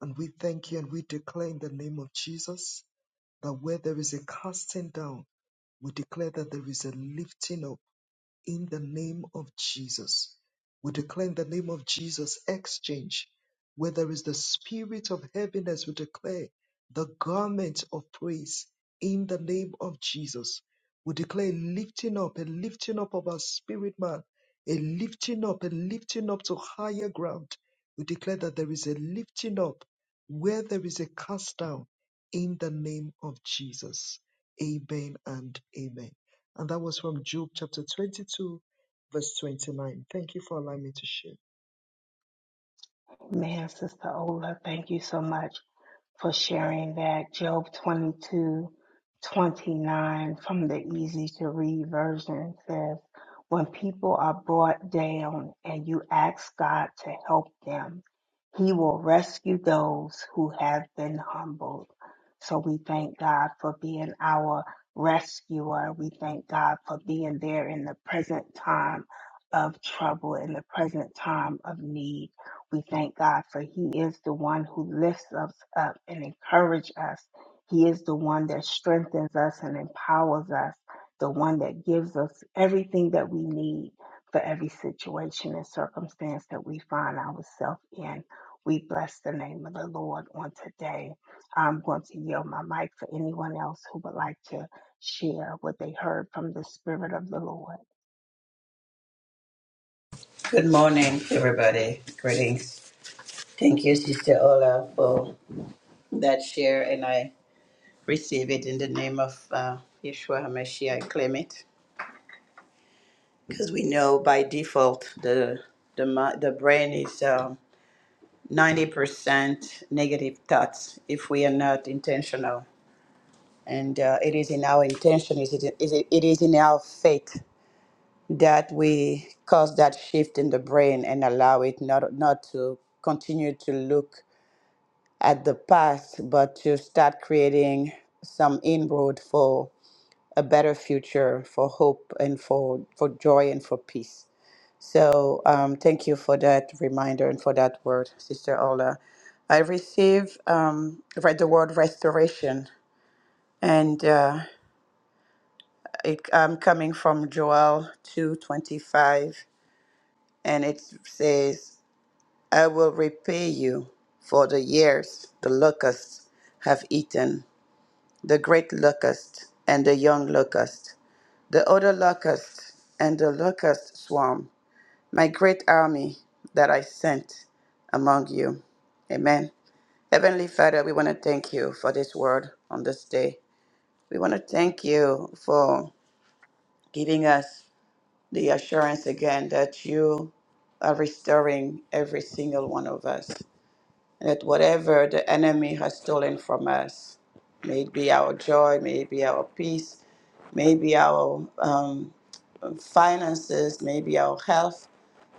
Speaker 3: and we thank you and we declare in the name of Jesus that where there is a casting down, we declare that there is a lifting up in the name of Jesus. We declare in the name of Jesus exchange. Where there is the spirit of heaviness, we declare the garment of praise in the name of Jesus. We declare lifting up, a lifting up of our spirit man, a lifting up, a lifting up to higher ground. We declare that there is a lifting up where there is a cast down in the name of Jesus. Amen and amen. And that was from Job chapter 22, verse 29. Thank you for allowing me to share.
Speaker 1: Man, Sister Ola, thank you so much. for sharing that. Job 22:29 from the easy to read version says, When people are brought down and you ask God to help them, He will rescue those who have been humbled. So we thank God for being our rescuer. We thank God for being there in the present time of trouble, in the present time of need. We thank God for He is the one who lifts us up and encourages us. He is the one that strengthens us and empowers us, the one that gives us everything that we need for every situation and circumstance that we find ourselves in. We bless the name of the Lord on today. I'm going to yield my mic for anyone else who would like to share what they heard from the Spirit of the Lord.
Speaker 2: Good morning, everybody. Greetings. Thank you, Sister Ola, for that share and I receive it in the name of uh, Yeshua HaMashiach. I claim it because we know by default the the mi- the brain is um, ninety percent negative thoughts if we are not intentional, and uh, it is in our intention, is it is it, it is in our faith that we cause that shift in the brain and allow it not not to continue to look at the past, but to start creating some inroad for a better future for hope and for, for joy and for peace. So um, thank you for that reminder and for that word, Sister Ola. I receive um, read the word restoration, and uh, it, I'm coming from Joel 2:25, and it says, "I will repay you for the years the locusts have eaten, the great locust and the young locust." the other locust and the locust swarm, my great army that I sent among you. Amen. Heavenly Father, we want to thank you for this word on this day. We want to thank you for giving us the assurance again that you are restoring every single one of us. And that whatever the enemy has stolen from us, may it be our joy, may it be our peace, may it be our um, finances, maybe our health,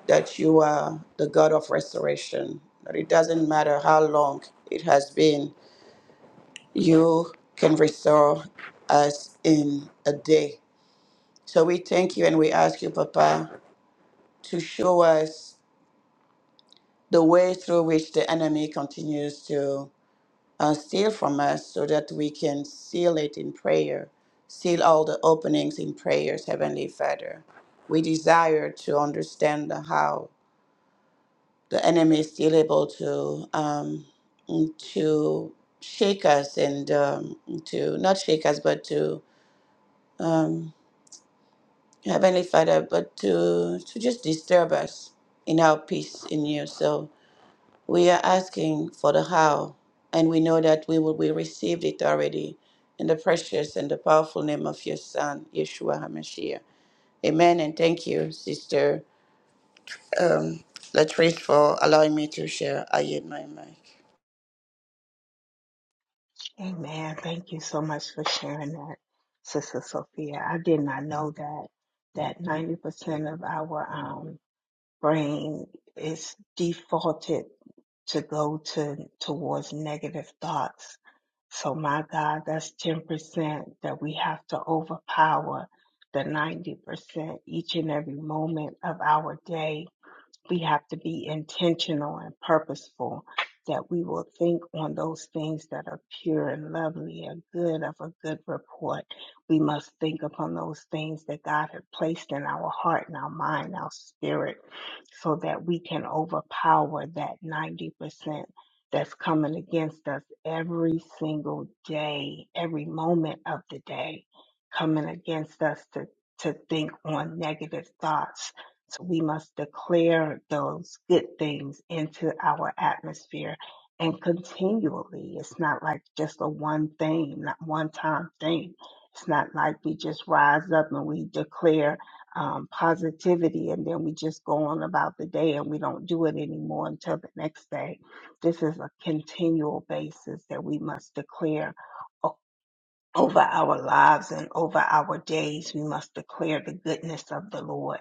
Speaker 2: that you are the God of restoration. That it doesn't matter how long it has been, you can restore us in a day. So we thank you and we ask you, Papa, to show us the way through which the enemy continues to uh, steal from us so that we can seal it in prayer, seal all the openings in prayers, Heavenly Father. We desire to understand the how the enemy is still able to um, to shake us and um, to not shake us, but to um, Heavenly Father, but to to just disturb us in our peace in you. So we are asking for the how, and we know that we will we received it already in the precious and the powerful name of your Son Yeshua Hamashiach. Amen. And thank you, Sister um, Latrice, for allowing me to share. I yield my mic.
Speaker 1: Amen. Thank you so much for sharing that, Sister Sophia. I did not know that that 90% of our um, brain is defaulted to go to towards negative thoughts. So my God, that's 10% that we have to overpower the 90% each and every moment of our day we have to be intentional and purposeful that we will think on those things that are pure and lovely and good of a good report. We must think upon those things that God had placed in our heart and our mind, our spirit, so that we can overpower that 90% that's coming against us every single day, every moment of the day, coming against us to, to think on negative thoughts so we must declare those good things into our atmosphere and continually. It's not like just a one thing, not one time thing. It's not like we just rise up and we declare um, positivity and then we just go on about the day and we don't do it anymore until the next day. This is a continual basis that we must declare. Over our lives and over our days, we must declare the goodness of the Lord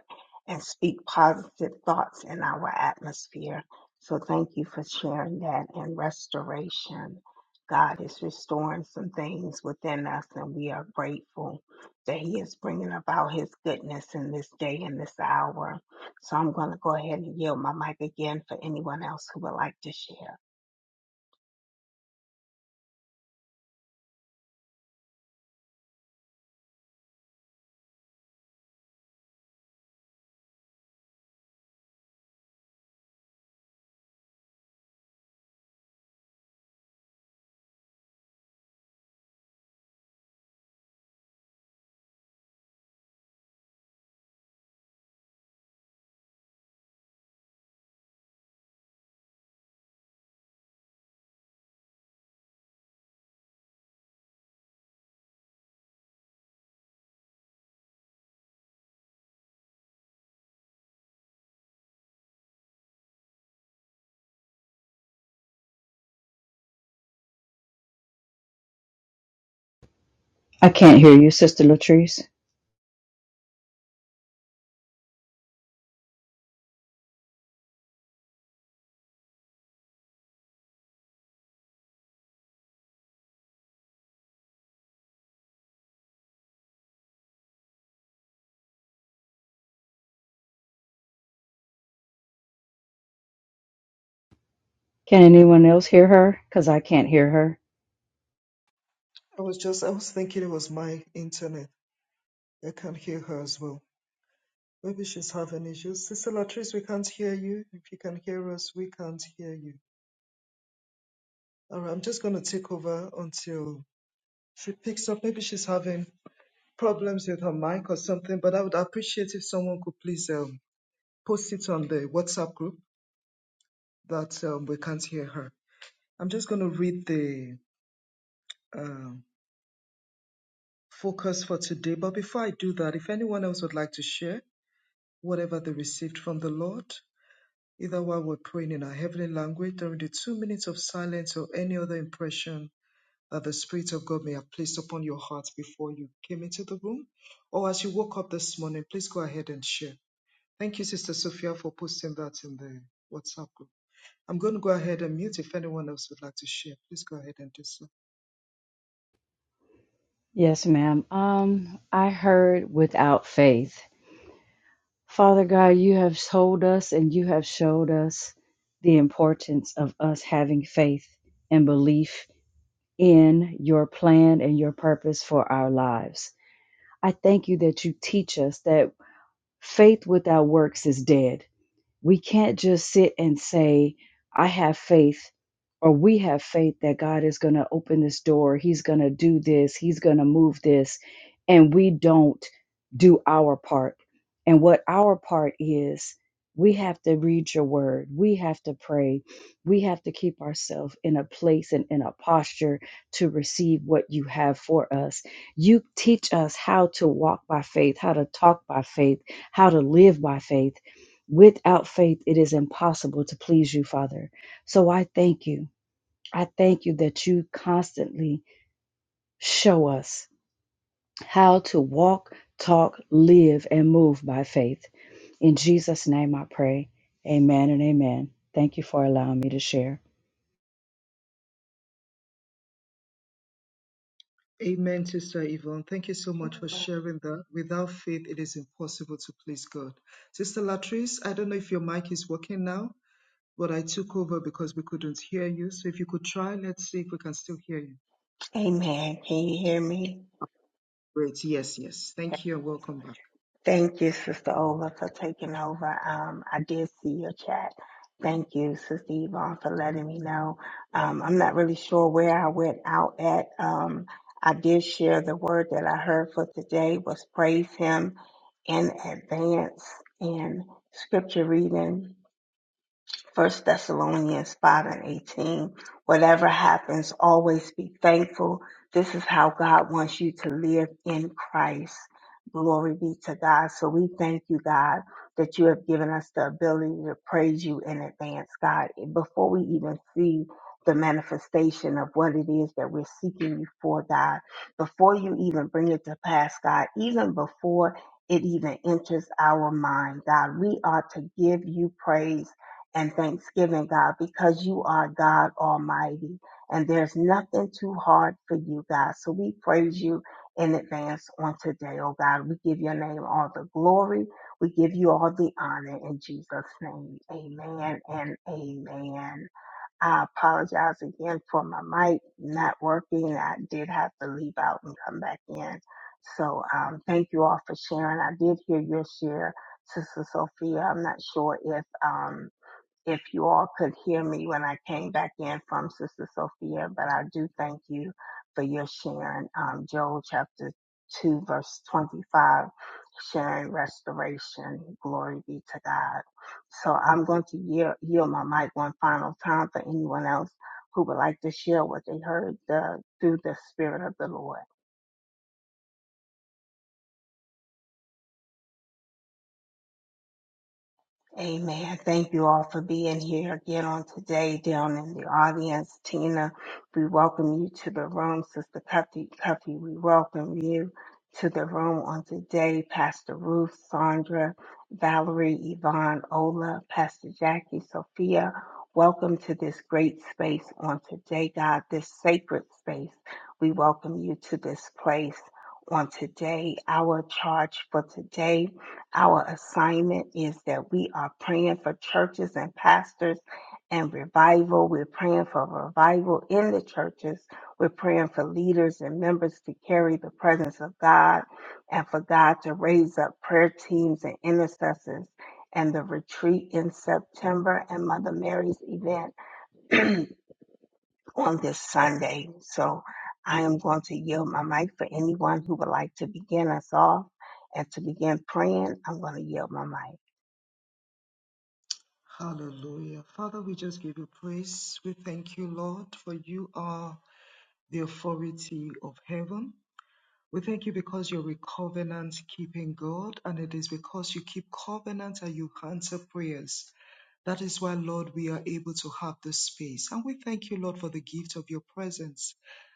Speaker 1: and speak positive thoughts in our atmosphere. So, thank you for sharing that and restoration. God is restoring some things within us, and we are grateful that He is bringing about His goodness in this day and this hour. So, I'm going to go ahead and yield my mic again for anyone else who would like to share.
Speaker 4: I can't hear you, Sister Latrice. Can anyone else hear her? Because I can't hear her.
Speaker 3: I was just, I was thinking it was my internet. I can't hear her as well. Maybe she's having issues. Sister Latrice, we can't hear you. If you can hear us, we can't hear you. All right, I'm just going to take over until she picks up. Maybe she's having problems with her mic or something, but I would appreciate if someone could please um, post it on the WhatsApp group that um, we can't hear her. I'm just going to read the uh, focus for today. But before I do that, if anyone else would like to share whatever they received from the Lord, either while we're praying in our heavenly language during the two minutes of silence or any other impression that the Spirit of God may have placed upon your heart before you came into the room, or as you woke up this morning, please go ahead and share. Thank you, Sister Sophia, for posting that in the WhatsApp group. I'm going to go ahead and mute if anyone else would like to share. Please go ahead and do so.
Speaker 4: Yes, ma'am. Um, I heard without faith. Father God, you have told us and you have showed us the importance of us having faith and belief in your plan and your purpose for our lives. I thank you that you teach us that faith without works is dead. We can't just sit and say, I have faith or we have faith that God is going to open this door, He's going to do this, He's going to move this, and we don't do our part. And what our part is, we have to read your word, we have to pray, we have to keep ourselves in a place and in a posture to receive what you have for us. You teach us how to walk by faith, how to talk by faith, how to live by faith. Without faith, it is impossible to please you, Father. So I thank you. I thank you that you constantly show us how to walk, talk, live, and move by faith. In Jesus' name I pray. Amen and amen. Thank you for allowing me to share.
Speaker 3: Amen, Sister Yvonne. Thank you so much for sharing that. Without faith, it is impossible to please God. Sister Latrice, I don't know if your mic is working now, but I took over because we couldn't hear you. So if you could try, let's see if we can still hear you.
Speaker 1: Amen. Can you hear me?
Speaker 3: Great. Yes, yes. Thank
Speaker 1: Thank
Speaker 3: you and
Speaker 1: you.
Speaker 3: welcome back.
Speaker 1: Thank you, Sister Ola, for taking over. Um, I did see your chat. Thank you, Sister Yvonne, for letting me know. Um, I'm not really sure where I went out at. Um, I did share the word that I heard for today was praise him in advance and scripture reading. First Thessalonians 5 and 18. Whatever happens, always be thankful. This is how God wants you to live in Christ. Glory be to God. So we thank you, God, that you have given us the ability to praise you in advance, God, before we even see the manifestation of what it is that we're seeking you for, God, before you even bring it to pass, God, even before it even enters our mind, God, we are to give you praise and thanksgiving, God, because you are God Almighty and there's nothing too hard for you, God. So we praise you in advance on today, oh God. We give your name all the glory. We give you all the honor in Jesus' name. Amen and amen. I apologize again for my mic not working. I did have to leave out and come back in. So um, thank you all for sharing. I did hear your share, Sister Sophia. I'm not sure if. Um, if you all could hear me when I came back in from Sister Sophia, but I do thank you for your sharing um, Joel chapter 2, verse 25, sharing restoration. Glory be to God. So I'm going to yield, yield my mic one final time for anyone else who would like to share what they heard the, through the Spirit of the Lord. Amen. Thank you all for being here again on today down in the audience. Tina, we welcome you to the room. Sister Cuffy, Cuffy we welcome you to the room on today. Pastor Ruth, Sandra, Valerie, Yvonne, Ola, Pastor Jackie, Sophia, welcome to this great space on today, God, this sacred space. We welcome you to this place on today. Our charge for today our assignment is that we are praying for churches and pastors and revival. We're praying for revival in the churches. We're praying for leaders and members to carry the presence of God and for God to raise up prayer teams and intercessors. And the retreat in September and Mother Mary's event [CLEARS THROAT] on this Sunday. So I am going to yield my mic for anyone who would like to begin us off and to begin praying. I'm going to yield my mic.
Speaker 3: Hallelujah. Father, we just give you praise. We thank you, Lord, for you are the authority of heaven. We thank you because you're a covenant keeping God, and it is because you keep covenant and you answer prayers. That is why, Lord, we are able to have this space. And we thank you, Lord, for the gift of your presence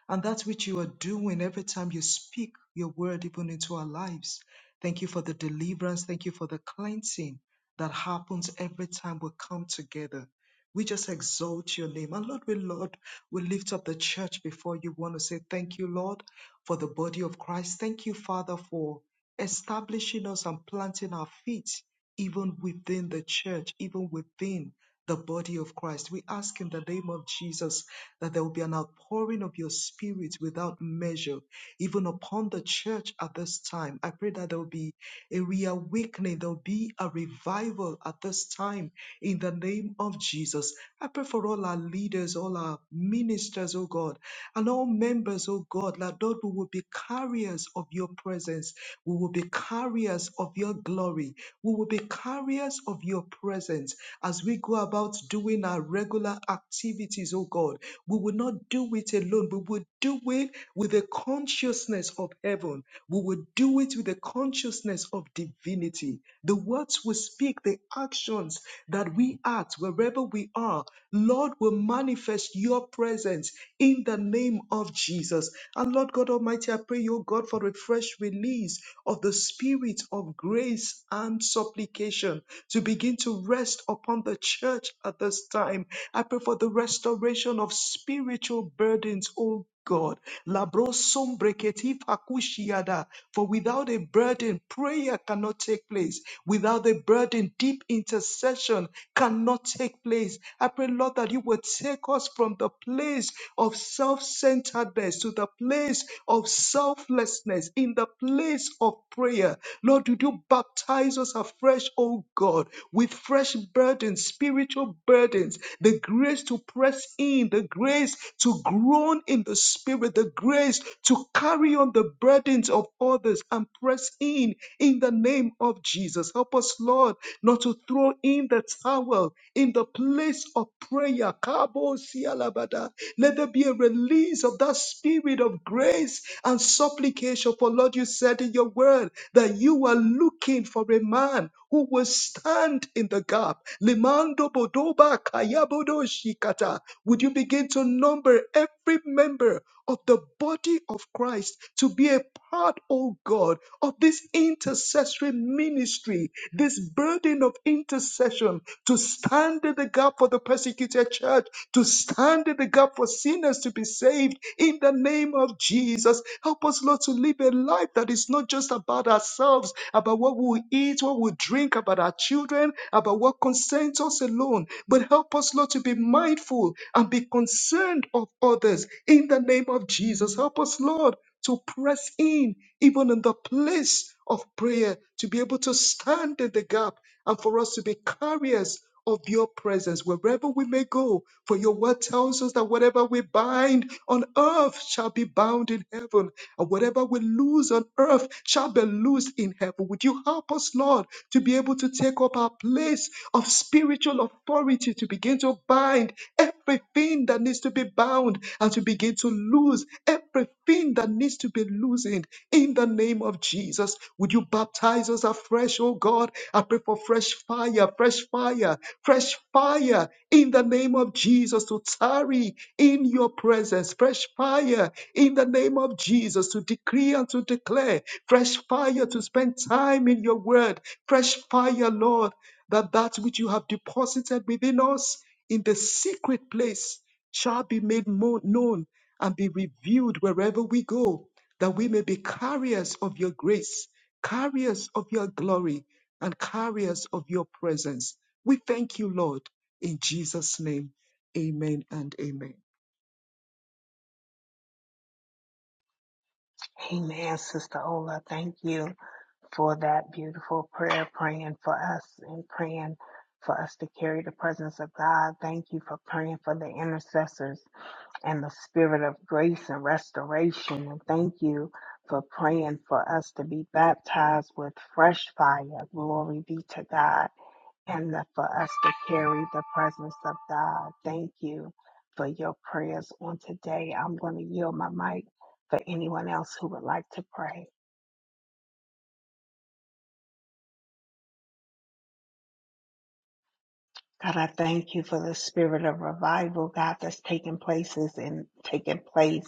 Speaker 3: and that which you are doing every time you speak your word, even into our lives. Thank you for the deliverance. Thank you for the cleansing that happens every time we come together. We just exalt your name. And Lord, we, Lord, we lift up the church before you. want to say thank you, Lord, for the body of Christ. Thank you, Father, for establishing us and planting our feet even within the church, even within the body of Christ. We ask in the name of Jesus that there will be an outpouring of your spirit without measure, even upon the church at this time. I pray that there will be a reawakening, there will be a revival at this time in the name of Jesus. I pray for all our leaders, all our ministers, oh God. And all members, oh God, that Lord, we will be carriers of your presence. We will be carriers of your glory. We will be carriers of your presence as we go about doing our regular activities, oh God. We will not do it alone. We will do it with the consciousness of heaven. We will do it with the consciousness of divinity. The words we speak, the actions that we act, wherever we are, Lord, will manifest your presence in the name of Jesus. And Lord God Almighty, I pray, your God, for a fresh release of the spirit of grace and supplication to begin to rest upon the church at this time. I pray for the restoration of spiritual burdens, oh God. Labro sombreketi fakushiada. For without a burden, prayer cannot take place. Without a burden, deep intercession cannot take place. I pray, Lord, that you will take us from the place of self-centeredness to the place of selflessness in the place of prayer. Lord, would you baptize us afresh, oh God, with fresh burdens, spiritual burdens, the grace to press in, the grace to groan grown in the spirit, the grace to carry on the burdens of others and press in in the name of Jesus. Help us, Lord, not to throw in the towel in the place of prayer. Kabo sialabada. Let there be a release of that spirit of grace and supplication. For Lord, you said in your word that you are looking for a man who will stand in the gap. Limando bodoba kayabodo shikata. Would you begin to number every member of the body of Christ to be a part, oh God, of this intercessory ministry, this burden of intercession to stand in the gap for the persecuted church, to stand in the gap for sinners to be saved in the name of of Jesus. Help us, Lord, to live a life that is not just about ourselves, about what we eat, what we drink, about our children, about what concerns us alone. But help us, Lord, to be mindful and be concerned of others in the name of Jesus. Help us, Lord, to press in even in the place of prayer, to be able to stand in the gap and for us to be carriers of your presence wherever we may go. For your word tells us that whatever we bind on earth shall be bound in heaven, and whatever we lose on earth shall be loosed in heaven. Would you help us, Lord, to be able to take up our place of spiritual authority to begin to bind? everything that needs to be bound as you begin to lose everything that needs to be loosened in the name of Jesus. Would you baptize us afresh, oh God? I pray for fresh fire, fresh fire, fresh fire in the name of Jesus to tarry in your presence, fresh fire in the name of Jesus to decree and to declare, fresh fire to spend time in your word, fresh fire, Lord, that that which you have deposited within us in the secret place shall be made more known and be revealed wherever we go, that we may be carriers of your grace, carriers of your glory, and carriers of your presence. We thank you, Lord, in Jesus' name. Amen and amen.
Speaker 1: Amen, Sister Ola. Thank you for that beautiful prayer, praying for us and praying for us to carry the presence of God. Thank you for praying for the intercessors and the spirit of grace and restoration. And thank you for praying for us to be baptized with fresh fire. Glory be to God and the- for us to carry the presence of God. Thank you for your prayers on today. I'm going to yield my mic for anyone else who would like to pray. God, I thank you for the spirit of revival, God, that's taking places and taking place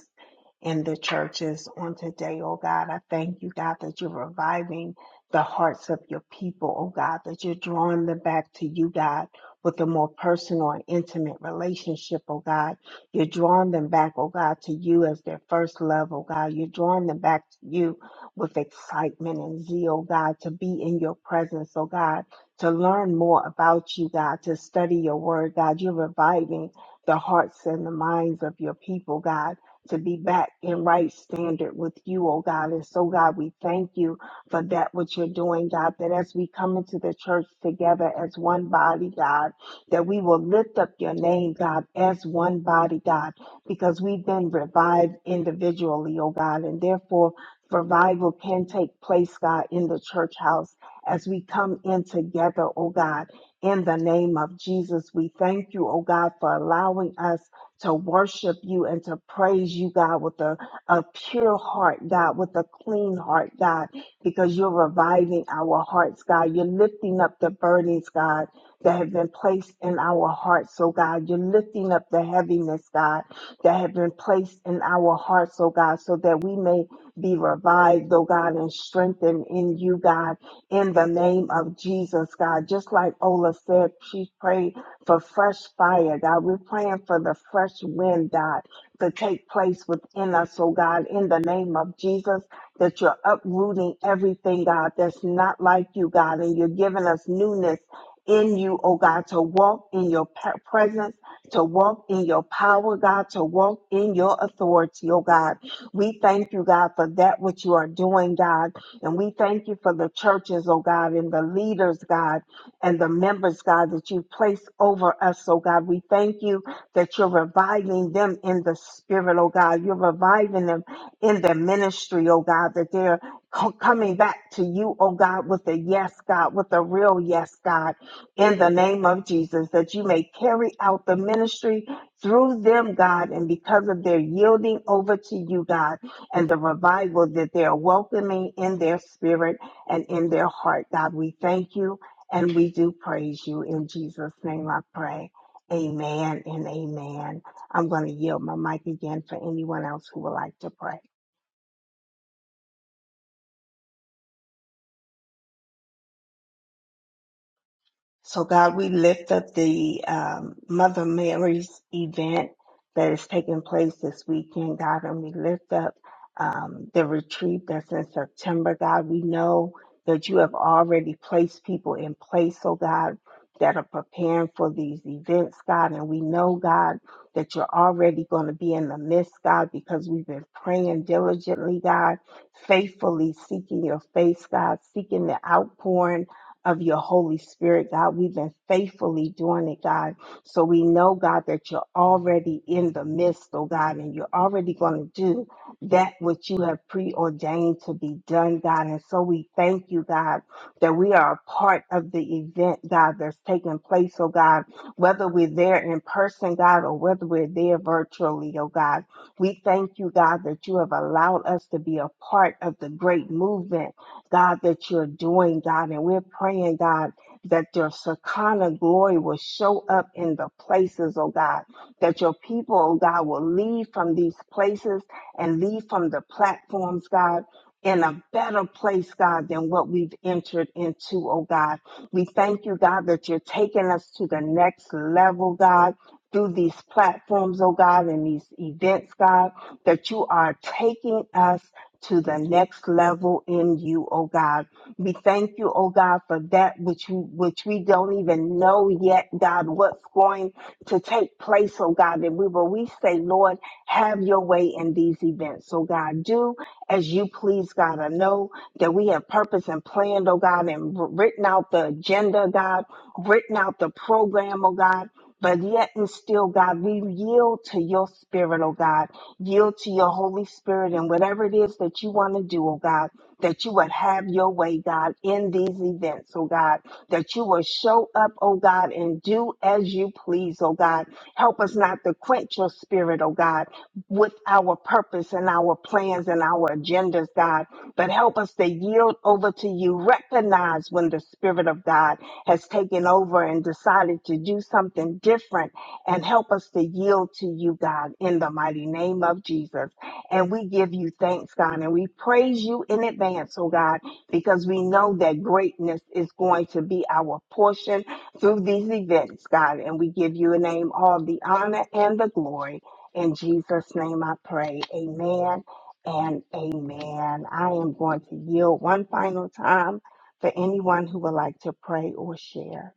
Speaker 1: in the churches on today, oh God. I thank you, God, that you're reviving the hearts of your people, oh God, that you're drawing them back to you, God, with a more personal and intimate relationship, oh God. You're drawing them back, oh God, to you as their first love, oh God. You're drawing them back to you with excitement and zeal, God, to be in your presence, oh God to learn more about you, God, to study your word, God. You're reviving the hearts and the minds of your people, God, to be back in right standard with you, oh God. And so, God, we thank you for that, what you're doing, God, that as we come into the church together as one body, God, that we will lift up your name, God, as one body, God, because we've been revived individually, oh God, and therefore revival can take place, God, in the church house as we come in together, oh God. In the name of Jesus, we thank you, oh God, for allowing us to worship you and to praise you, God, with a, a pure heart, God, with a clean heart, God, because you're reviving our hearts, God. You're lifting up the burdens, God, that have been placed in our hearts, oh God. You're lifting up the heaviness, God, that have been placed in our hearts, oh God, so that we may be revived, oh God, and strengthened in you, God in the name of Jesus, God. Just like Ola said, she prayed for fresh fire, God. We're praying for the fresh wind, God, to take place within us, oh God, in the name of Jesus, that you're uprooting everything, God, that's not like you, God, and you're giving us newness in you, oh God, to walk in your pa- presence, to walk in your power, God, to walk in your authority, oh God. We thank you, God, for that which you are doing, God. And we thank you for the churches, oh God, and the leaders, God, and the members, God, that you place over us, oh God. We thank you that you're reviving them in the spirit, oh God. You're reviving them in their ministry, oh God, that they're co- coming back to you, oh God, with a yes, God, with a real yes, God, in the name of Jesus, that you may carry out the ministry through them, God, and because of their yielding over to you, God and the revival that they're welcoming in their spirit and in their heart. God, we thank you and we do praise you. In Jesus' name I pray. Amen and amen. I'm going to yield my mic again for anyone else who would like to pray. So, God, we lift up the um, Mother Mary's event that is taking place this weekend, God, and we lift up um, the retreat that's in September, God. We know that you have already placed people in place, oh God, that are preparing for these events, God, and we know, God, that you're already going to be in the midst, God, because we've been praying diligently, God, faithfully seeking your face, God, seeking the outpouring of your Holy Spirit, God. We've been faithfully doing it, God. So we know, God, that you're already in the midst, oh God, and you're already going to do that which you have preordained to be done, God. And so we thank you, God, that we are a part of the event, God, that's taking place, oh God, whether we're there in person, God, or whether we're there virtually, oh God. We thank you, God, that you have allowed us to be a part of the great movement God, that you're doing, God. And we're praying, God, that your Shekinah glory will show up in the places, oh God, that your people, oh God, will leave from these places and leave from the platforms, God. In a better place, God, than what we've entered into, oh God. We thank you, God, that you're taking us to the next level, God, through these platforms, oh God, and these events, God, that you are taking us to the next level in you, oh God. We thank you, oh God, for that which you, which we don't even know yet, God, what's going to take place, oh God. And we will we say, Lord, have your way in these events. So God, do as you please, God. I know that we have purpose and planned, oh God, and written out the agenda, God, written out the program, oh God. But yet and still, God, we yield to your spirit, oh God yield to your Holy Spirit and whatever it is that you want to do, oh God, that you would have your way, God, in these events, oh God, that you will show up, oh God, and do as you please, oh God. Help us not to quench your spirit, oh God, with our purpose and our plans and our agendas, God, but help us to yield over to you. Recognize when the Spirit of God has taken over and decided to do something different and help us to yield to you, God, in the mighty name of Jesus. And we give you thanks, God, and we praise you in advance, oh God, because we know that greatness is going to be our portion through these events, God. And we give you a name, all the honor and the glory. In Jesus' name I pray. Amen and amen. I am going to yield one final time for anyone who would like to pray or share.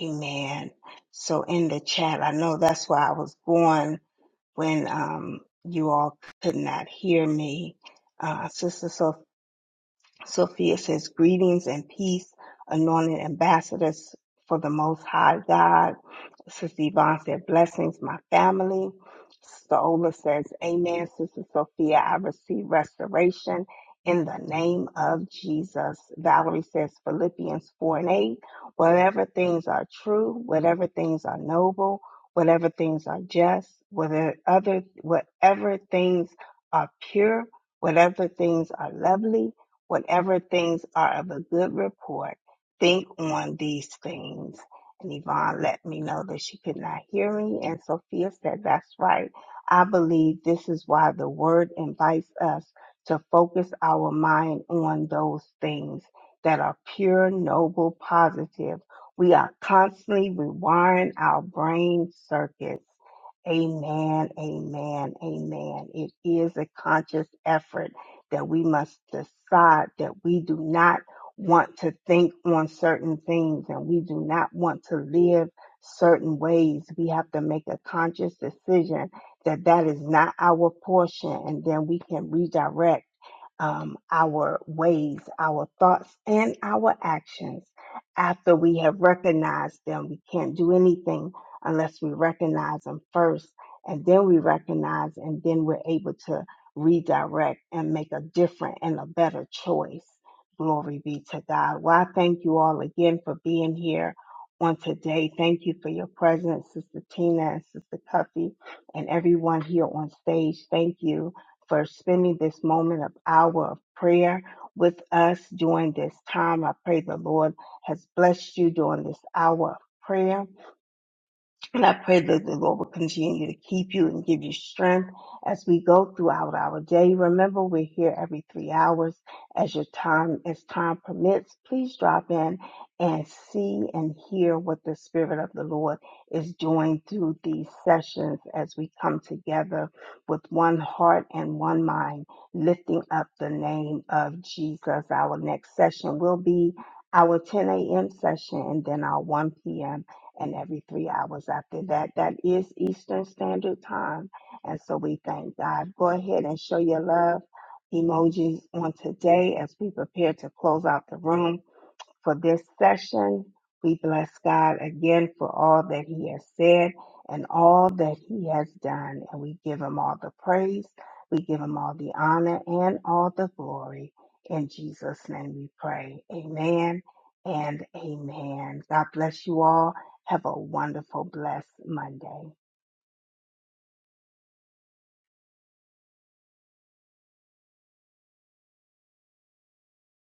Speaker 1: Amen. So in the chat, I know that's why I was going when um, you all could not hear me. Uh, Sister Sophia says, Greetings and peace, anointed ambassadors for the Most High God. Sister Yvonne said, Blessings, my family. Sister Ola says, Amen. Sister Sophia, I receive restoration in the name of Jesus. Valerie says, Philippians 4 and 8, whatever things are true, whatever things are noble, whatever things are just, whether other, whatever things are pure, whatever things are lovely, whatever things are of a good report, think on these things. And Yvonne let me know that she could not hear me. And Sophia said, That's right. I believe this is why the word invites us to focus our mind on those things that are pure, noble, positive. We are constantly rewiring our brain circuits. Amen, amen, amen. It is a conscious effort that we must decide that we do not want to think on certain things and we do not want to live certain ways. We have to make a conscious decision that that is not our portion and then we can redirect um, our ways, our thoughts, and our actions after we have recognized them. We can't do anything unless we recognize them first, and then we recognize, and then we're able to redirect and make a different and a better choice. Glory be to God. Well, I thank you all again for being here on today. Thank you for your presence, Sister Tina and Sister Cuffy, and everyone here on stage. Thank you for spending this moment of hour of prayer with us during this time. I pray the Lord has blessed you during this hour of prayer and I pray that the Lord will continue to keep you and give you strength as we go throughout our day. Remember, we're here every three hours as your time, as time permits. Please drop in and see and hear what the Spirit of the Lord is doing through these sessions as we come together with one heart and one mind, lifting up the name of Jesus. Our next session will be our 10 a.m. session and then our 1 p.m and every three hours after that. That is Eastern Standard Time. And so we thank God. Go ahead and show your love emojis on today as we prepare to close out the room for this session. We bless God again for all that He has said and all that He has done. And we give Him all the praise, we give Him all the honor, and all the glory. In Jesus' name we pray. Amen and amen. God bless you all. Have a wonderful, blessed Monday.